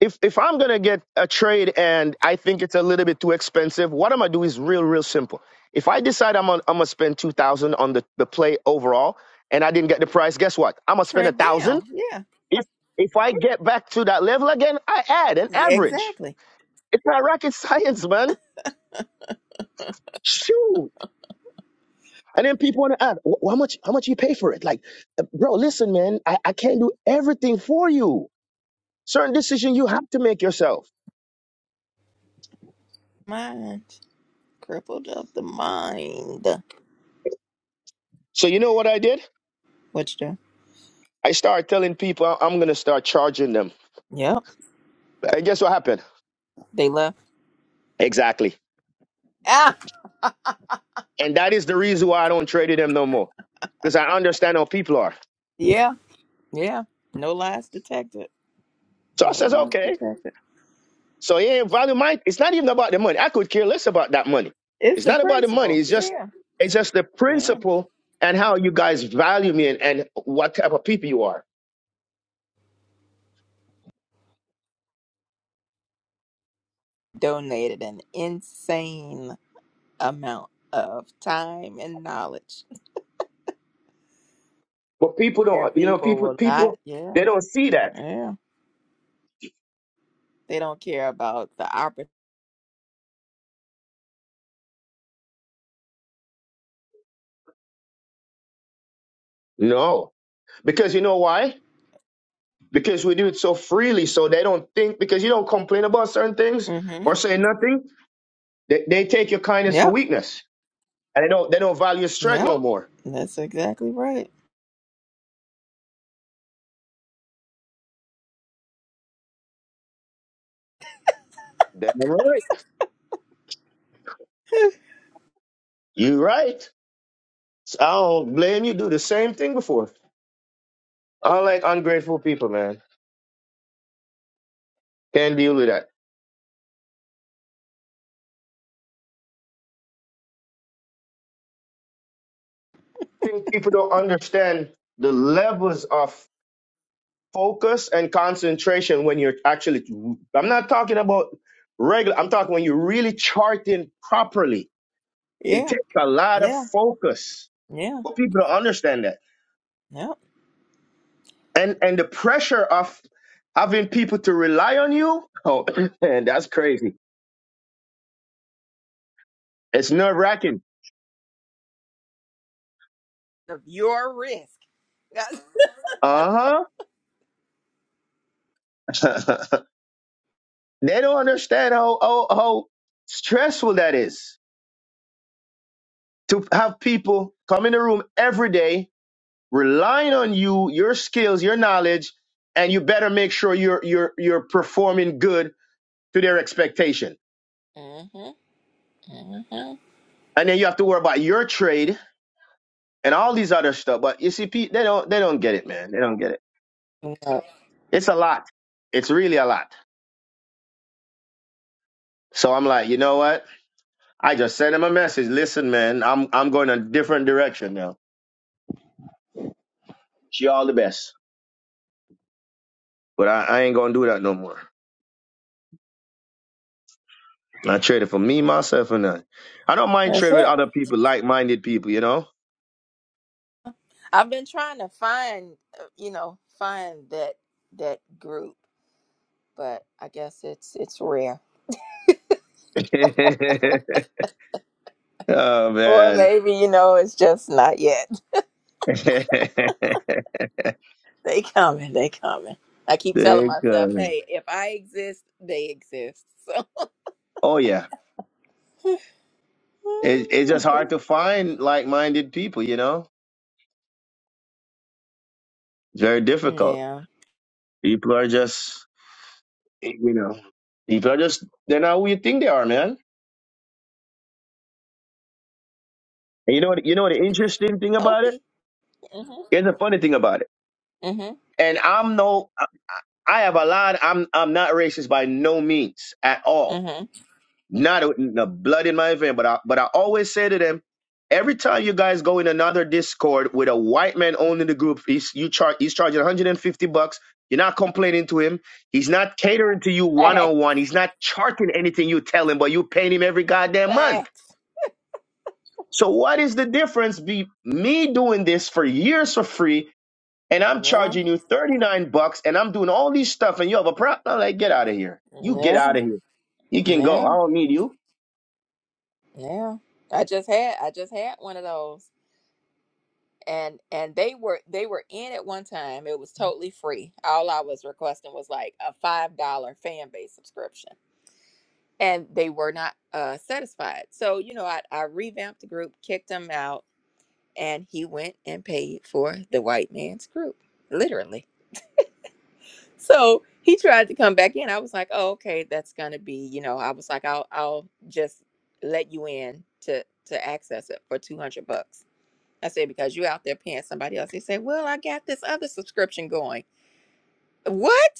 If if I'm gonna get a trade and I think it's a little bit too expensive, what I'm gonna do is real, real simple. If I decide I'm on, I'm gonna spend two thousand on the, the play overall and I didn't get the price, guess what? I'm gonna spend a
Trimmed
thousand.
down. Yeah.
If if I get back to that level again, I add an
Yeah,
average.
exactly.
It's not rocket science, man. Shoot. And then people want to ask, "Wh- how much? How much you pay for it? Like, uh, bro, listen, man, I, I can't do everything for you. Certain decision you have to make yourself.
Mind. Crippled of the mind.
So you know what I did?
What you doing?
I started telling people I- I'm gonna start charging them.
Yep.
And guess what happened?
They left.
Exactly.
Ah
And that is the reason why I don't trade them no more, because I understand how people are.
yeah. Yeah. No lies detected.
So I
No
says,
lies
okay.
detected.
So yeah, value my. It's not even about the money. I could care less about that money.
It's
It's
the
not about the money.
principle.
It's just,
Yeah.
it's just the
Yeah.
principle and how you guys value me and, and what type of people you are.
Donated an insane amount of time and knowledge.
But people
And
don't, you know,
people
people,
will not,
people,
yeah,
they don't see that.
yeah. They don't care about the opportunity.
No, because you know why? Because we do it so freely, so they don't think. Because you don't complain about certain things
hmm
or say nothing, they, they take your kindness for
Yep,
weakness, and they don't, they don't value your strength
yep.
no more.
That's exactly right.
That's right. You right. So I don't blame you. Do the same thing before. I like ungrateful people, man. Can't deal with that. I think people don't understand the levels of focus and concentration when you're actually i'm not talking about regular i'm talking when you're really charting properly it
yeah,
takes a lot of
yeah,
focus
yeah,
but people don't understand that
yep.
and and the pressure of having people to rely on you oh man that's crazy it's nerve wracking
Of your risk.
uh-huh they don't understand how, how how stressful that is to have people come in the room every day relying on you, your skills, your knowledge, and you better make sure you're you're you're performing good to their expectation.
mm-hmm, mm-hmm.
And then you have to worry about your trade and all these other stuff. But you see, Pete, they don't they don't get it, man. They don't get it. It's a lot. It's really a lot. So I'm like, you know what? I just sent him a message. Listen, man, I'm I'm going a different direction now. She all the best. But I, I ain't gonna do that no more. I traded for me, myself, and I. I don't mind
That's
trading with
it.
other people, like minded people, you know?
I've been trying to find, uh, you know, find that that group, but I guess it's it's rare.
Oh
Or
man.
maybe, you know, it's just not yet.
Thank
They coming, they coming. I keep telling myself,
God.
hey, if I exist, they exist. So
Oh yeah. It, it's just hard to find like minded people, you know? It's very difficult.
Yeah.
People are just you know people are just they're not who you think they are, man. And you know what you know what the interesting thing about it?
Healthy. Mm-hmm.
Here's the funny thing about it.
Mm-hmm.
And I'm no I have a lot I'm I'm not racist by no means at all.
Mm-hmm.
not a, no blood in my vein, but I, but I always say to them, every time you guys go in another Discord with a white man owning the group, he's you charge he's charging 150 bucks. You're not complaining to him. He's not catering to you one on
Facts.
one. He's not charting anything you tell him, but you paying him every goddamn month.
Facts.
So what is the difference be me doing this for years for free and I'm
Yeah.
charging you 39 bucks and I'm doing all these stuff and you have a problem? I'm like, get out of here. You get
Yeah.
out of here. You can go.
Yeah.
I don't need you.
Yeah. I just had I just had one of those. And and they were they were in at one time. It was totally free. All I was requesting was like a five dollar fan base subscription. and they were not uh, satisfied. So, you know, I, I revamped the group, kicked him out, and he went and paid for the white man's group, literally. So he tried to come back in. I was like, oh, okay, that's gonna be, you know, I was like, I'll I'll just let you in to to access it for two hundred bucks. I said because you out there paying somebody else. They say, well, I got this other subscription going. What?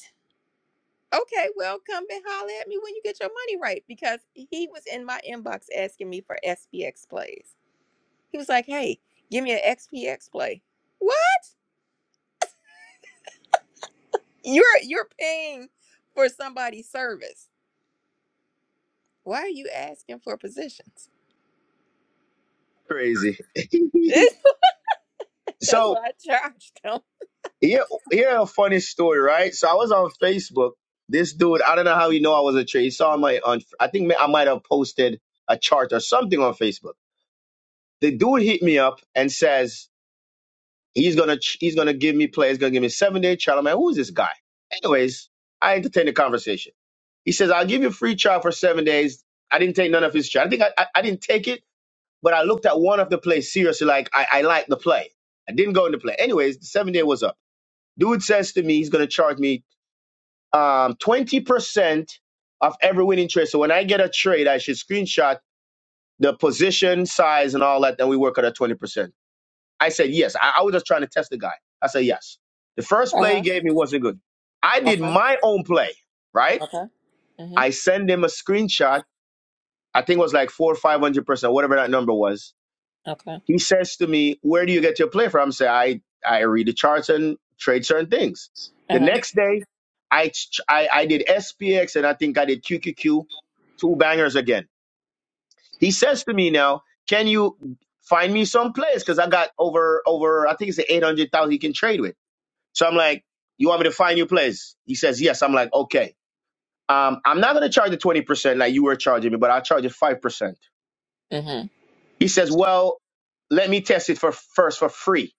okay, well, come and holler at me when you get your money right because he was in my inbox asking me for SPX plays. He was like, hey, give me an XPX play. What? You're you're paying for somebody's service. Why are you asking for positions?
Crazy.
That's
so
what I charged him.
here, here a funny story, right? So I was on Facebook. This dude, I don't know how he know I was a trader. He saw my on. I think I might have posted a chart or something on Facebook. The dude hit me up and says he's gonna ch- he's gonna give me play. He's gonna give me a seven day chart. I'm like, who's this guy? Anyways, I entertained the conversation. He says I'll give you a free trial for seven days. I didn't take none of his chart. I think I, I, I didn't take it But I looked at one of the plays seriously, like I, I like the play. I didn't go into play. Anyways, the seven day was up. Dude says to me he's gonna charge me um twenty percent of every winning trade. So when I get a trade, I should screenshot the position, size, and all that, then we work at a twenty percent. I said yes. I, I was just trying to test the guy. I said yes. The first
Uh
play he
huh.
gave me wasn't good. I did
Okay.
my own play, right?
Okay. Mhm.
I send him a screenshot. I think it was like four or five hundred percent, whatever that number was
Okay.
He says to me, Where do you get your play from? I say, I, I read the charts and trade certain things.
Uh
The
huh.
next day, I, ch- I, I did SPX and I think I did QQQ, two bangers again. He says to me now, Can you find me some plays? Because I got over, over I think it's 800,000 he can trade with. So I'm like, You want me to find you plays? He says, Yes. I'm like, Okay. Um, I'm not going to charge the 20% like you were charging me, but I'll charge you 5%.
Mhm.
He says, Well, let me test it for first for free.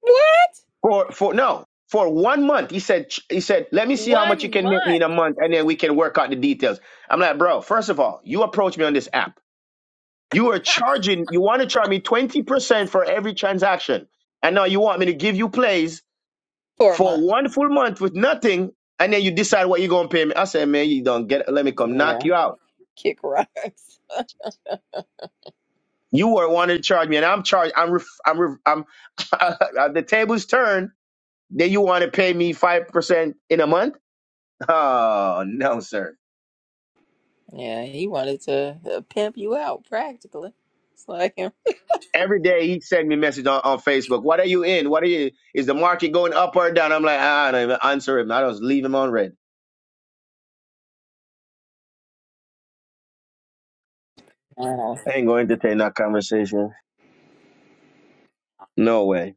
What?
For for no, for one month. He said he said, "Let me see how much you
One
can make me in
month.
a month and then we can work out the details." I'm like, "Bro, first of all, you approach me on this app. You are charging, you want to charge me 20% for every transaction. And now you want me to give you plays
for a month.
for one full month with nothing and then you decide what you're going to pay me." I said, "Man, you don't get it. let me come knock
Yeah.
you out."
Kick rocks.
You were wanting to charge me and I'm charged I'm ref, I'm ref, I'm the tables turn. Then you want to pay me 5% in a month? Oh no, sir.
Yeah, he wanted to uh, pimp you out practically. It's like him.
Every day he send me message on, on Facebook. What are you in? What are you? Is the market going up or down? I'm like, ah, I don't even answer him. I just leave him on red. I ain't going to entertain that conversation. No way.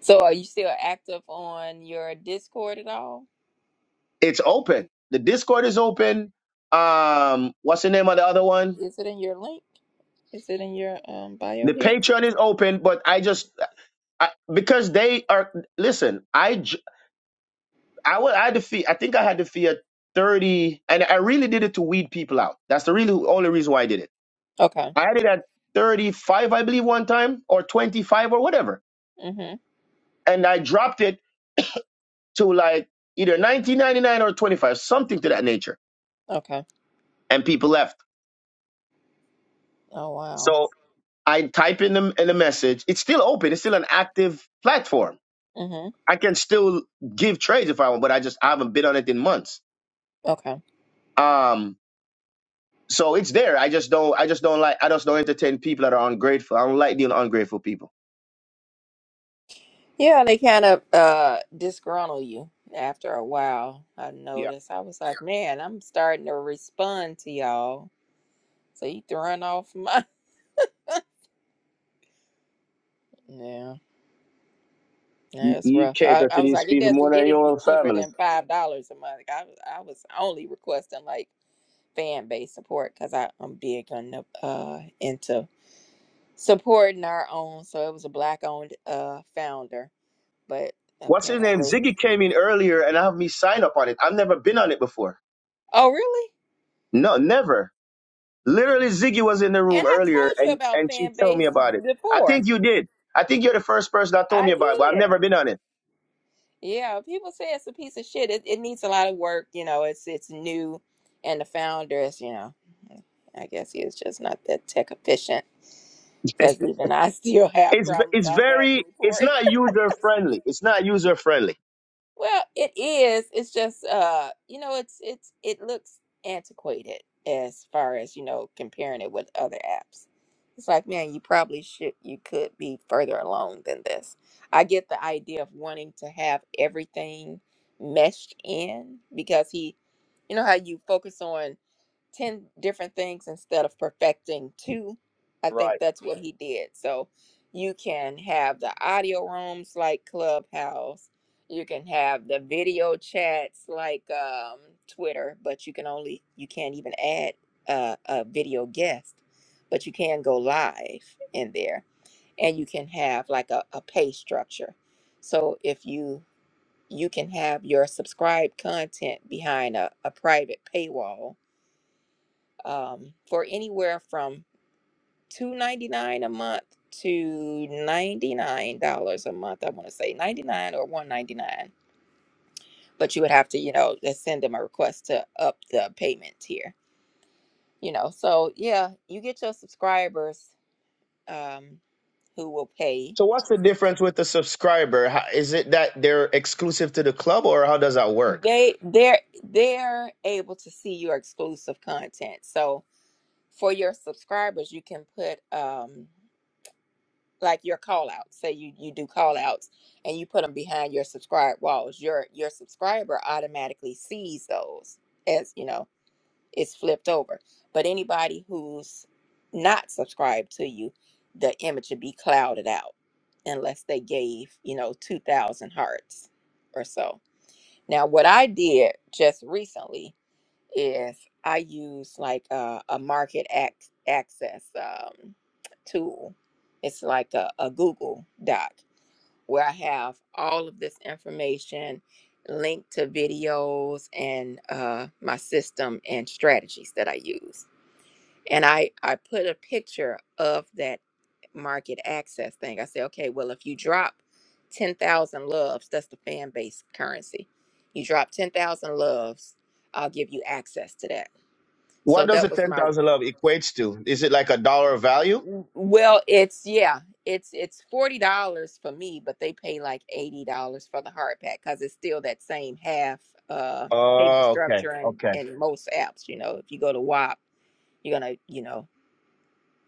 so, are you still active on your Discord at all?
It's open. The Discord is open. Um, what's the name of the other one?
Is it in your link? Is it in your um bio
The
here?
Patreon is open, but I just I, because they are. Listen, I j- I wa- I had to fee. I think I had to fee at thirty, and I really did it to weed people out. That's the really only reason why I did it
Okay.
I had it at 35, I believe, one time, or 25 or whatever.
Mhm.
And I dropped it to like either 1999 or 25, something to that nature.
Okay.
And people left.
Oh wow.
So I type in the, in the message. It's still open. It's still an active platform.
Mhm.
I can still give trades if I want, but I just I haven't been on it in months.
Okay.
Um, so it's there. I just don't. I just don't like. I just don't entertain people that are ungrateful. I don't like dealing with ungrateful people.
Yeah, they kind of uh disgruntle you after a while. I
Yeah,
noticed. I was like, man, I'm starting to respond to y'all. So you throwing off my. Yeah.
you,
Yeah, it's
you
rough. I,
cater
I
to
was
these
like, it
people more
doesn't get
than your
any
own
cheaper
family.
than five dollars a month. I was I was only requesting like fan base support because I'm big on the uh into supporting our own. So it was a black owned uh founder, but
What's his name?
apparently.
Ziggy came in earlier and have me sign up on it. I've never been on it before.
Oh really?
No, never. Literally, Ziggy was in the room
And I
earlier
told you
and,
about
and she
fan
told me
base
about it. I
before.
think you did. I think you're the first person that told me
I
about it, but I've
did.
never been on it.
Yeah, people say it's a piece of shit. It, it needs a lot of work. You know, it's it's new, and the founders, you know I guess he is just not that tech efficient because even I still have
it's
problems
it's
I had to
very it's
report.
not user friendly. It's not user friendly.
Well, it is. It's just uh, you know, it's it's it looks antiquated as far as, you know, comparing it with other apps. It's like, man, you probably should you could be further along than this. I get the idea of wanting to have everything meshed in because he you know how you focus on 10 different things instead of perfecting two. I think
Right.
that's what he did. So you can have the audio rooms like Clubhouse. You can have the video chats like um, Twitter, but you can only you can't even add uh, a video guest, but you can go live in there, and you can have like a, a pay structure. So if you you can have your subscribed content behind a, a private paywall um, for anywhere from two ninety nine a month to ninety nine dollars a month. I want to say ninety nine or one ninety nine, but you would have to, you know, just send them a request to up the payment tier. You know, so yeah, you get your subscribers um, who will pay.
So what's the difference with the subscriber? How, is it that they're exclusive to the club, or how does that work?
They they're they're able to see your exclusive content. So for your subscribers, you can put um like your call outs say you you do call outs and you put them behind your subscribe walls your your subscriber automatically sees those as you know it's flipped over but anybody who's not subscribed to you the image would be clouded out unless they gave you know 2000 hearts or so now what i did just recently is I use like a, a market ac- access um, tool. It's like a, a Google Doc where I have all of this information linked to videos and uh, my system and strategies that I use. And I, I put a picture of that market access thing. I say, okay, well, if you drop 10,000 loves, that's the fan base currency. You drop 10,000 loves, I'll give you access to that.
What
So
does the
that was
ten
my
thousand love equates to? Is it like a dollar value?
well, it's yeah, it's it's forty dollars for me, but they pay like eighty dollars for the hard pack because it's still that same half uh payment
Oh, okay,
structure and
okay,
in most apps. You know, if you go to WAP, you're gonna you know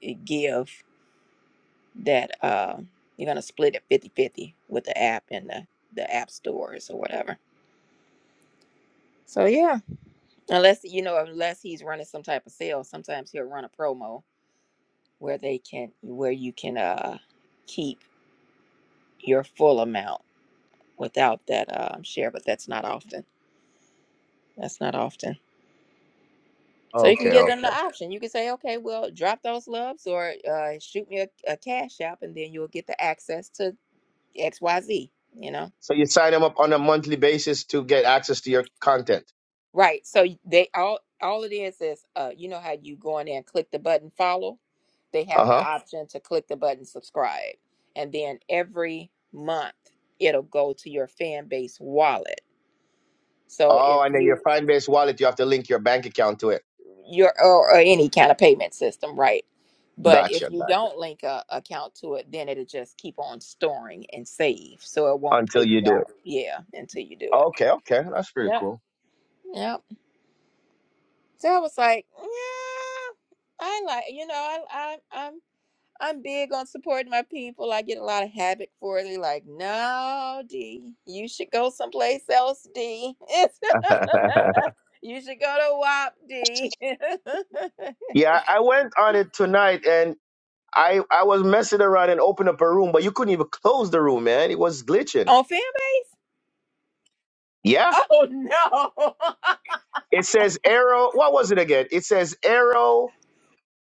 the give that uh you're gonna split it fifty-fifty with the app and the the app stores or whatever. So yeah, unless you know unless he's running some type of sale, sometimes he'll run a promo where they can where you can uh keep your full amount without that um, share, but that's not often. That's not often. So you can
okay,
give them the option. You can say, okay, well, drop those loves or uh, shoot me a, a cash app, and then you'll get the access to X, Y, Z. You know,
So you sign them up on a monthly basis to get access to your content.
right? So they all all it is is uh, you know how you go in there and click the button follow. They
Uh
have the
huh.
option to click the button subscribe, and then every month it'll go to your fan base wallet. So if
Oh, and then your
you
Coinbase wallet, you have to link your bank account to it.
your or, or any kind of payment system, right? But
Gotcha,
if you
gotcha.
don't link a account to it, then it'll just keep on storing and save, so it won't pay
Until you
you
do it.
out. Yeah, until you do it.
Okay, okay, that's pretty
Yep.
cool.
Yep. So I was like, yeah, I like you know I, I I'm I'm big on supporting my people. I get a lot of habit for it. They're like, no, D, you should go someplace else, D. you should go to WAPD. D.
yeah, I went on it tonight, and I I was messing around and opened up a room, but you couldn't even close the room, man. It was glitching.
on
Yeah.
Oh no!
It says arrow. What was it again? It says arrow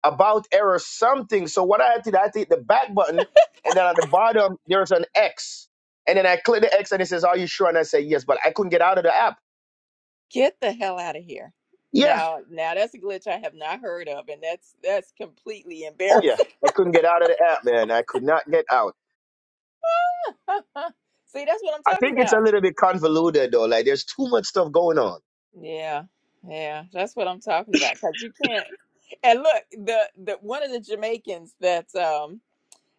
about error something. So what I had to do, I had to hit the back button, and then at the bottom there's an X, and then I click the X, and it says, "Are you sure?" And I say, "Yes," but I couldn't get out of the app.
Get the hell out of here.
Yeah,
Now, now that's a glitch I have not heard of, and that's that's completely
oh
embarrassing.
yeah, I couldn't get out of the app, man. I could not get out.
See, that's what I'm
I
talking
think it's a
about.
little bit convoluted though. Like there's too much stuff going on.
Yeah, yeah, that's what I'm talking about. Cause you can't. And look, the the one of the Jamaicans that um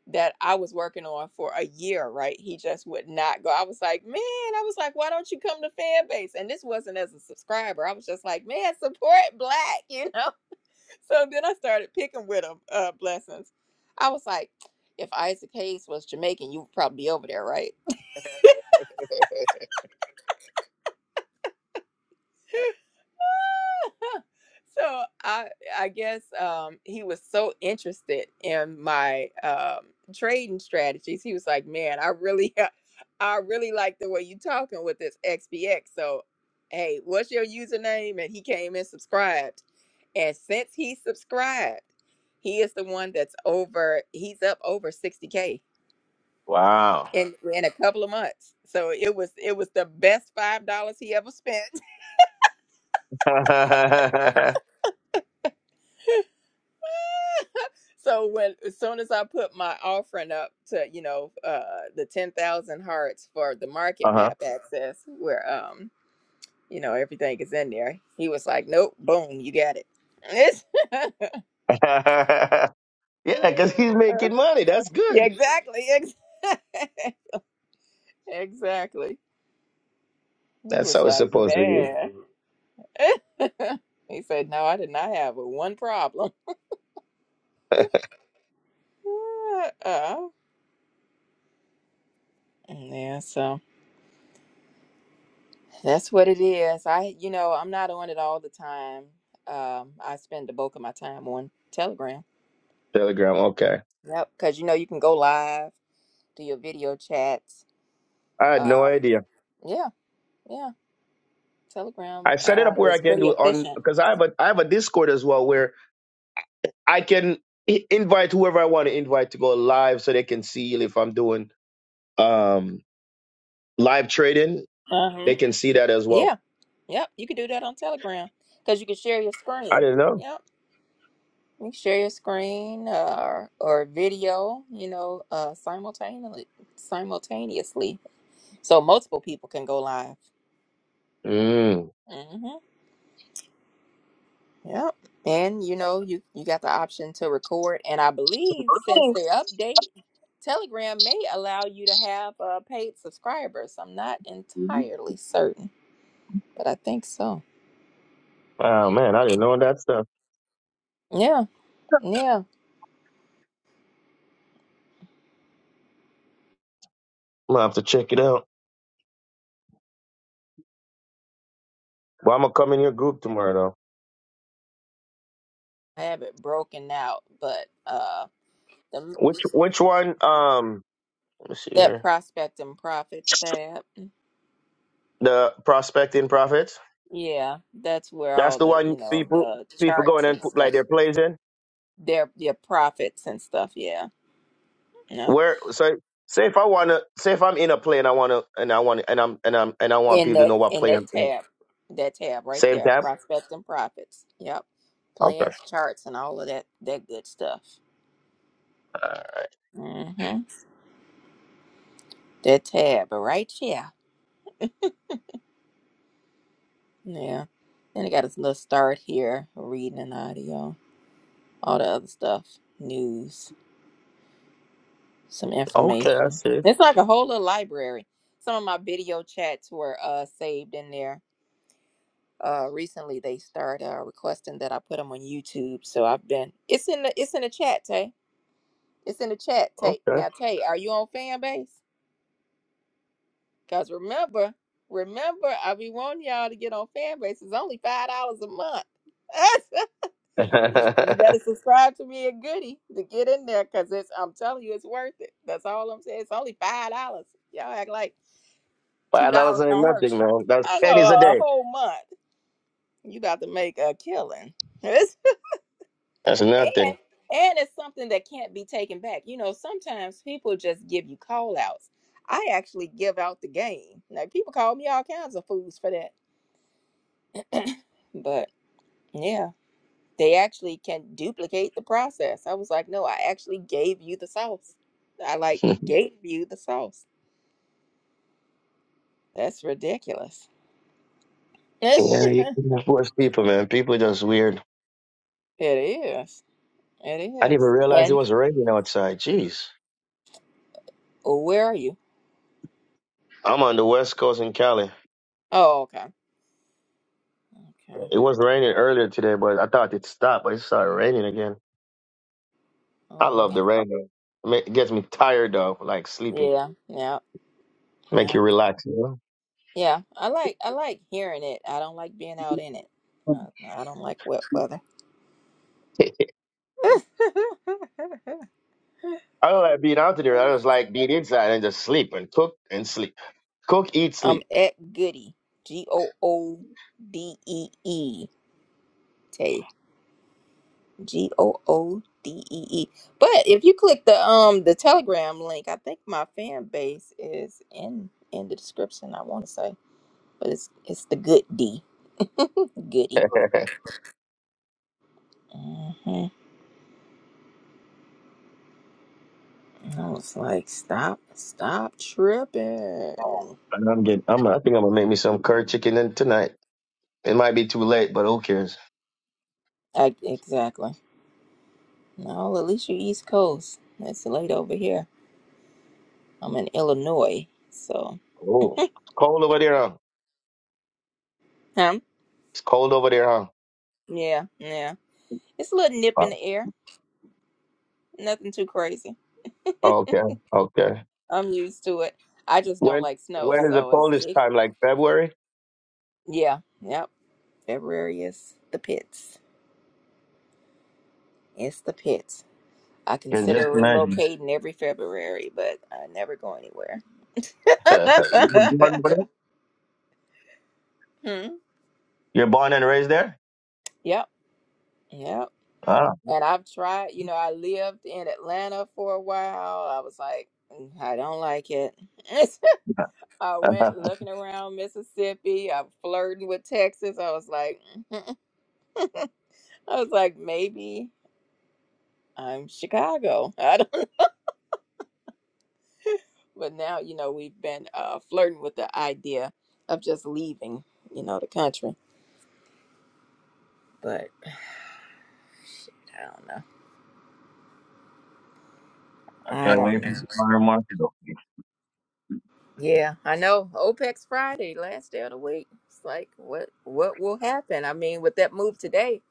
that I was working on for a year, right? He just would not go. I was like, man, I was like, why don't you come to fan base? And this wasn't as a subscriber. I was just like, man, support black, you know. So then I started picking with him uh, blessings. I was like, if Isaac Hayes was Jamaican, you would probably be over there, right? so I I guess um, he was so interested in my um, trading strategies. He was like, man, I really I really like the way you talking with this XPX. So hey, what's your username? And he came and subscribed. And since he subscribed, he is the one that's over, he's up over 60K
Wow.
in in a couple of months. So it was it was the best five dollars he ever spent.
uh
So when as soon as I put my offering up to you know uh, the ten thousand hearts for the market
huh.
map access where um you know everything is in there, he was like, nope, boom, you got it. It's-
yeah, because he's making money. That's
yeah,
good.
exactly, ex- exactly. He
That's
was
how it's
like,
supposed to be.
man. he said, no, I did not have a one problem. uh Yeah, so that's what it is. I, you know, I'm not on it all the time. Um, I spend the bulk of my time on Telegram.
Telegram. Okay.
Yep, because you know you can go live, do your video chats.
I had no
Um,
idea.
yeah, yeah. Telegram
I set it
uh,
up where
is
I can
pretty
do it on
efficient.
because I have a I have a Discord as well where I can i- invite whoever I want to invite to go live so they can see if I'm doing um live trading.
Uh-huh.
They can see that as well.
Yeah, yep. You can do that on Telegram because you can share your
I
screen.
didn't know.
Yep, you can share your screen uh, or or video. You know, uh, simultaneously, simultaneously, so multiple people can go live.
Mm.
hmm Yep. And you know, you you got the option to record, and I believe since
Thanks.
their update, Telegram may allow you to have uh, paid subscribers. I'm not entirely certain, but I think so.
Oh man, I didn't know that stuff.
Yeah, yeah.
I'm gonna have to check it out. But I'm gonna come in your group tomorrow though.
I have it broken out, but uh, the
Which which one? Um, let me see
that
here.
prospect and profits tab,
The prospecting profits.
yeah, that's where
That's
all
the
the
one
you know
people
uh,
people going
charts
and
and
put like
stuff,
their plays in.
their their profits and stuff. Yeah. Yep.
where so say if I wanna say if I'm in a play and I wanna and I want and I'm and I'm and I want
in
people to
that
know what
in
play
that
I'm in.
tab that tab right
Same
there
time?
prospects and profits yep
Okay.
plans charts and all of that that good stuff
Uh,
mm-hmm. that tab right yeah yeah then i got a little start here reading and audio all the other stuff news some
Okay, I
information
see.
it's like a whole little library some of my video chats were uh saved in there uh recently they started uh, requesting that i put them on youtube so i've been it's in the it's in the chat Tay It's in the chat, Tay.
Okay.
Now, Tay, are you on fan base? Because remember, remember, I be wanting y'all to get on fan base. It's only five dollars a month. you you better subscribe to me a goodie to get in there because it's I'm telling you it's worth it. That's all I'm saying. It's only five dollars. Y'all act like two
Five dollars
dollars
ain't
don't hurt
nothing,
you.
man. That's
I know
pennies a
a
day.
whole month. You about to make a killing.
That's
And
nothing.
and it's something that can't be taken back. You know, sometimes people just give you call outs. I actually give out the game. Like people call me all kinds of fools for that. But yeah, they actually can duplicate the process. I was like, no, I actually gave you the sauce. I like
yeah,
gave you the sauce. That's ridiculous.
you can force people, man. People just weird.
It is. It
I didn't even
is.
realize it
And
was raining outside. Jeez.
where are you?
I'm on the west coast in Cali.
Oh, okay. Okay.
It was raining earlier today, but I thought it stopped, but it started raining again. I
Oh
love
wow.
the rain. though. It ma- it gets me tired though, like sleepy.
Yeah.
Make
Yeah.
you relax. You
Yeah, I like I like hearing it. I don't like being out in it.
know?
Uh, I don't like wet weather.
I don't like being out there. I just like being inside and just sleep and cook and sleep. Cook, eat,
I'm
sleep.
at Goody. G O O D E E. Tay. G O O D E E. But if you click the um the Telegram link, I think my fan base is in in the description. I want to say, but it's it's the good D Goody.
and
hmm I was like, stop, stop tripping.
I'm getting. I'm. I think I'm gonna make me some curry chicken then tonight. It might be too late, but who cares?
I, exactly. No, at least you're East Coast. It's late over here. I'm in Illinois, so.
Oh, it's cold over there, huh?
Huh?
It's cold over there, huh?
Yeah, yeah. It's a little nip
Uh,
in the air. Nothing too crazy.
Okay, okay.
I'm used to it. I just don't
When
like snow,
when is the
so it's
coldest
it,
time? Like February?
yeah, yep. February is the pits. It's the pits. I
Can just
consider
imagine.
relocating every February, but I never go anywhere.
you were born over there?
hmm.
You're born and raised there?
Yep, yep.
Ah.
And I've tried, you know, I lived in Atlanta for a while. I was like, "Mm, I don't like it. I went
I
looking around Mississippi. I'm flirting with Texas. I was like, I was like, maybe I'm Chicago. I don't. But now, you know, we've been uh, flirting with the idea of just leaving, you know, the country. But I don't know. I
can't
don't
wait for
know.
the tomorrow market.
Yeah, I know. OPEX Friday, last day of the week. It's like what what will happen? I mean, with that move today,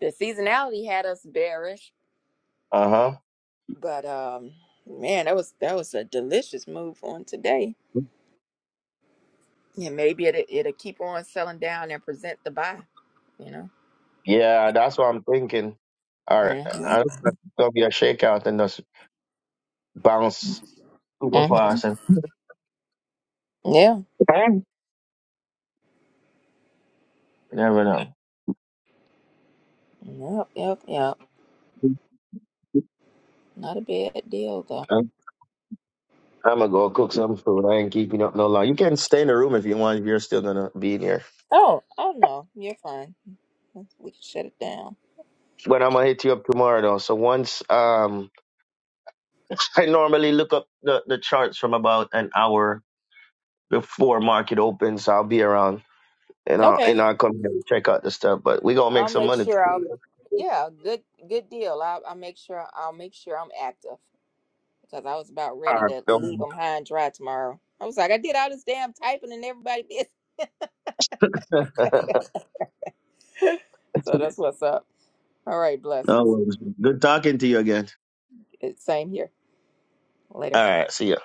the seasonality had us bearish,
Uh huh.
but um man, that was that was a delicious move on today. Yeah, maybe it it'll it'll keep on selling down and present the buy, you know.
Yeah, that's what I'm thinking. All right,
Mhm.
I am thinking Or i do not know, it's gonna be a shakeout and just bounce super
Mhm.
fast, and
Yeah.
you never know.
Yep, yep, yep. Not a bad deal though.
I'm, I'm gonna go cook some food. I ain't keeping up no long. You can stay in the room if you want. If you're still gonna be in here,
Oh, oh no. You're fine. We can shut it down.
but I'm gonna hit you up tomorrow though. So once um, I normally look up the, the charts from about an hour before market opens. so I'll be around and I'll
Okay.
and I'll come here and check out the stuff. But we gonna make
I'll
some
make
money.
sure I'll.
tomorrow.
Yeah, good, good deal. I'll, I'll make sure. I'll make sure I'm active because I was about
All
ready
right.
to leave them
don't-
high and dry tomorrow. I was like, I did all this damn typing and everybody did. so that's what's up. All right,
No
blessings.
worries. Good talking to you again.
It, same here. Later.
All right. See ya.